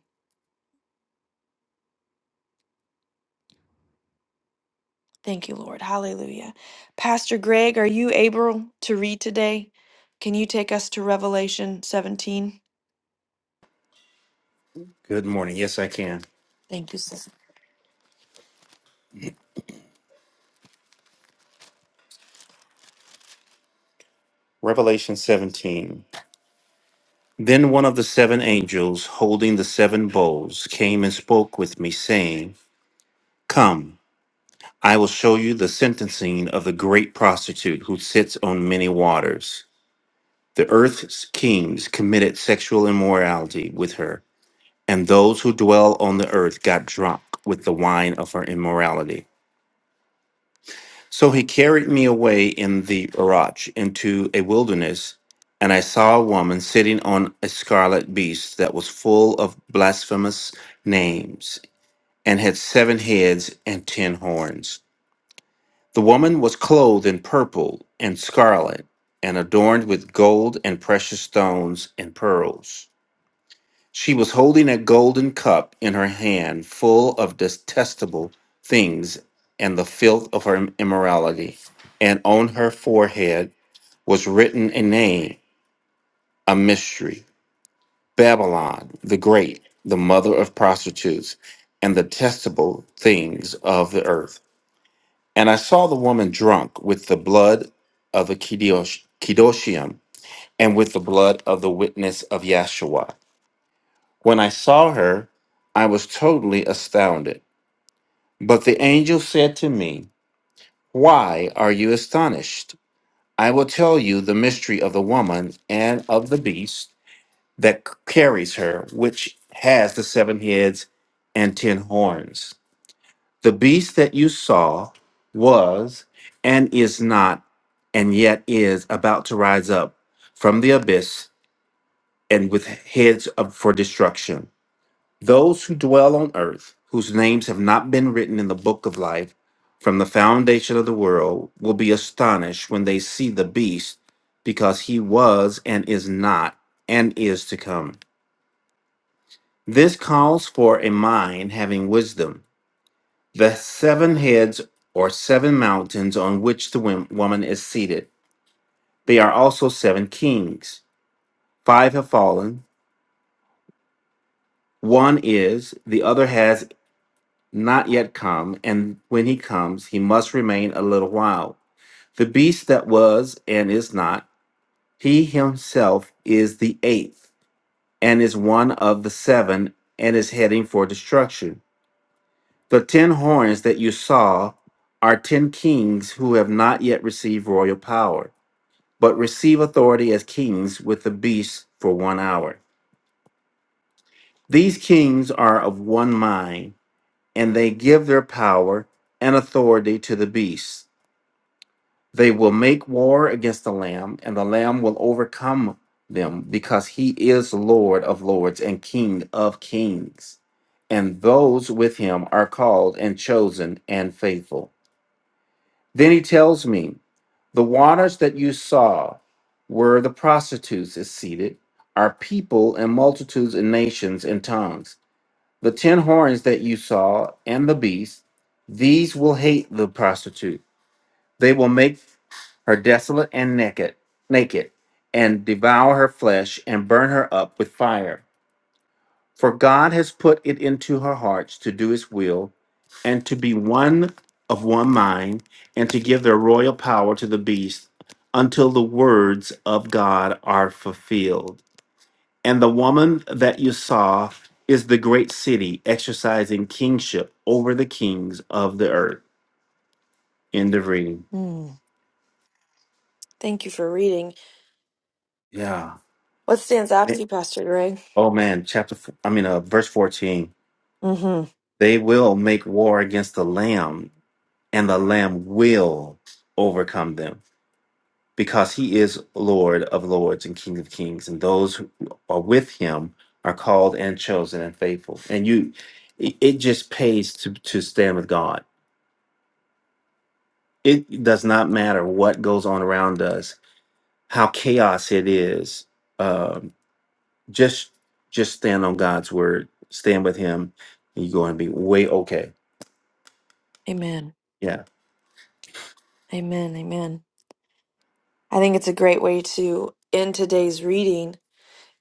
Speaker 1: Thank you, Lord. Hallelujah. Pastor Greg, are you able to read today? Can you take us to Revelation 17?
Speaker 12: Good morning. Yes, I can.
Speaker 1: Thank you, sis.
Speaker 12: Revelation 17. Then one of the seven angels holding the seven bowls came and spoke with me, saying, Come, I will show you the sentencing of the great prostitute who sits on many waters. The earth's kings committed sexual immorality with her, and those who dwell on the earth got drunk with the wine of her immorality. So he carried me away in the arach into a wilderness, and I saw a woman sitting on a scarlet beast that was full of blasphemous names, and had seven heads and ten horns. The woman was clothed in purple and scarlet, and adorned with gold and precious stones and pearls. She was holding a golden cup in her hand full of detestable things and the filth of her immorality. And on her forehead was written a name, a mystery Babylon the Great, the mother of prostitutes and the detestable things of the earth. And I saw the woman drunk with the blood of the Kedosh- Kedoshim and with the blood of the witness of Yahshua. When I saw her, I was totally astounded. But the angel said to me, Why are you astonished? I will tell you the mystery of the woman and of the beast that c- carries her, which has the seven heads and ten horns. The beast that you saw was and is not, and yet is about to rise up from the abyss and with heads up for destruction. Those who dwell on earth, whose names have not been written in the book of life from the foundation of the world, will be astonished when they see the beast, because he was and is not and is to come. This calls for a mind having wisdom. The seven heads or seven mountains on which the wom- woman is seated, they are also seven kings. Five have fallen, one is, the other has not yet come, and when he comes, he must remain a little while. The beast that was and is not, he himself is the eighth, and is one of the seven, and is heading for destruction. The ten horns that you saw are ten kings who have not yet received royal power, but receive authority as kings with the beast for one hour. These kings are of one mind, and they give their power and authority to the beast They will make war against the Lamb, and the Lamb will overcome them, because he is Lord of lords and King of kings. And those with him are called and chosen and faithful. Then he tells me, The waters that you saw where the prostitutes is seated are people and multitudes and nations and tongues. The ten horns that you saw and the beast, these will hate the prostitute they will make her desolate and naked, naked, and devour her flesh and burn her up with fire. For God has put it into her hearts to do his will and to be one of one mind and to give their royal power to the beast until the words of God are fulfilled. And the woman that you saw is the great city exercising kingship over the kings of the earth. End of reading.
Speaker 1: Mm. Thank you for reading.
Speaker 12: Yeah.
Speaker 1: What stands out to you, Pastor Greg?
Speaker 12: Oh man, chapter f- I mean uh, verse 14.
Speaker 1: hmm
Speaker 12: They will make war against the lamb and the lamb will overcome them because he is Lord of lords and King of kings and those who are with him are called and chosen and faithful. And you it, it just pays to to stand with God. It does not matter what goes on around us, how chaos it is. Um just just stand on God's word, stand with him, and you're going to be way okay
Speaker 1: Amen.
Speaker 12: Yeah,
Speaker 1: Amen. Amen. I think it's a great way to end today's reading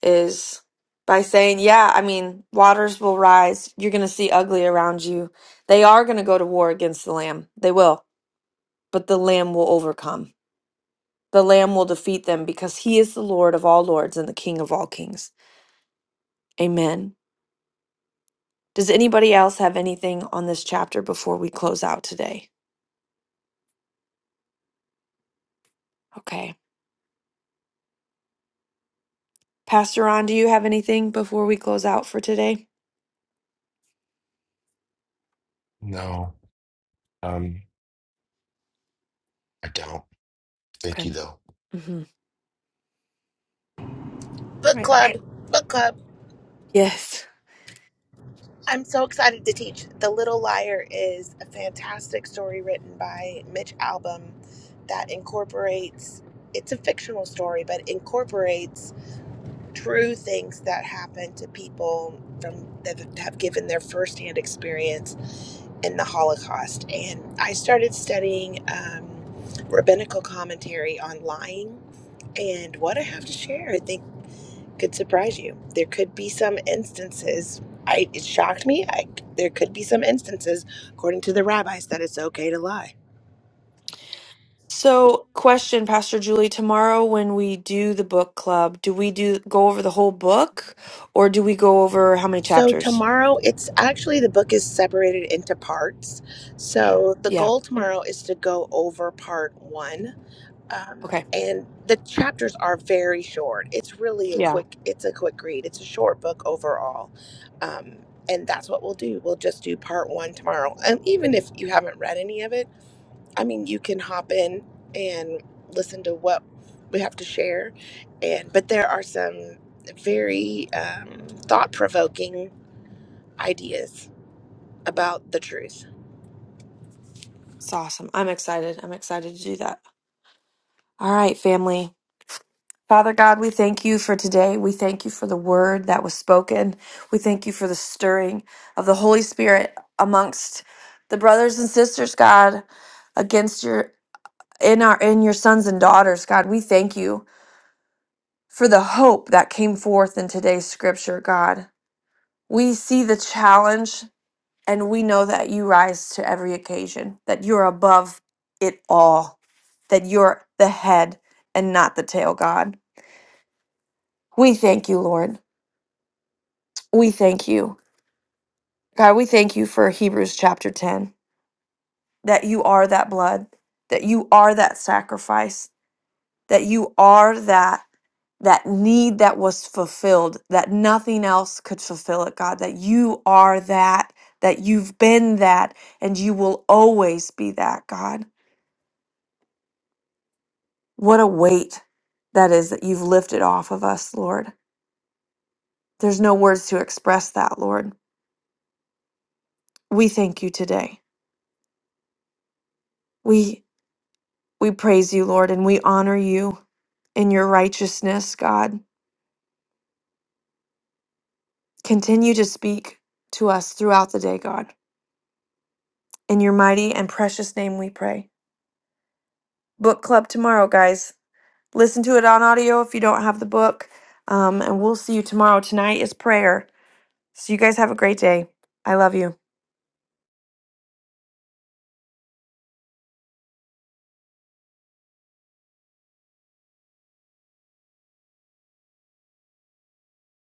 Speaker 1: is by saying, yeah, I mean, waters will rise. You're going to see ugly around you. They are going to go to war against the lamb. They will, but the lamb will overcome. The Lamb will defeat them because he is the Lord of all lords and the King of all kings. Amen. Does anybody else have anything on this chapter before we close out today? Okay. Pastor Ron, do you have anything before we close out for today?
Speaker 5: No, um, I don't. Thank you,
Speaker 1: Okay.
Speaker 5: though.
Speaker 1: hmm All
Speaker 8: Book
Speaker 1: right.
Speaker 8: club, book club.
Speaker 1: Yes.
Speaker 8: I'm so excited to teach. The Little Liar is a fantastic story written by Mitch Albom that incorporates, it's a fictional story, but incorporates true things that happen to people from that have given their firsthand experience in the Holocaust. And I started studying um, rabbinical commentary on lying. And what I have to share, I think, could surprise you. There could be some instances. I, it shocked me. I, there could be some instances, according to the rabbis, that it's okay to lie.
Speaker 1: So, question, Pastor Julie, tomorrow when we do the book club, do we do go over the whole book or do we go over how many
Speaker 8: So
Speaker 1: chapters?
Speaker 8: tomorrow, it's actually the book is separated into parts. So the
Speaker 1: Yeah.
Speaker 8: goal tomorrow is to go over part one, um,
Speaker 1: Okay.
Speaker 8: and the chapters are very short. It's really a
Speaker 1: Yeah.
Speaker 8: quick. It's a quick read. It's a short book overall, um, and that's what we'll do. We'll just do part one tomorrow. And even if you haven't read any of it, I mean, you can hop in and listen to what we have to share. And but there are some very um, thought provoking ideas about the truth.
Speaker 1: It's awesome. I'm excited. I'm excited to do that. All right, family. Father God, we thank you for today. We thank you for the word that was spoken. We thank you for the stirring of the Holy Spirit amongst the brothers and sisters, God, against your in our in your sons and daughters, God. We thank you for the hope that came forth in today's scripture, God. We see the challenge and we know that you rise to every occasion, that you're above it all, that you're the head and not the tail, God. We thank you, Lord. We thank you. God, we thank you for Hebrews chapter 10, that you are that blood, that you are that sacrifice, that you are that that need that was fulfilled, that nothing else could fulfill it, God, that you are that, that you've been that, and you will always be that, God. What a weight that is that you've lifted off of us, Lord. There's no words to express that, Lord. We thank you today. We we praise you, Lord, and we honor you. in your righteousness, God. Continue to speak to us throughout the day, God. In your mighty and precious name we pray. Book club tomorrow, guys. Listen to it on audio if you don't have the book. Um, and we'll see you tomorrow. Tonight is prayer. So you guys have a great day. I love you.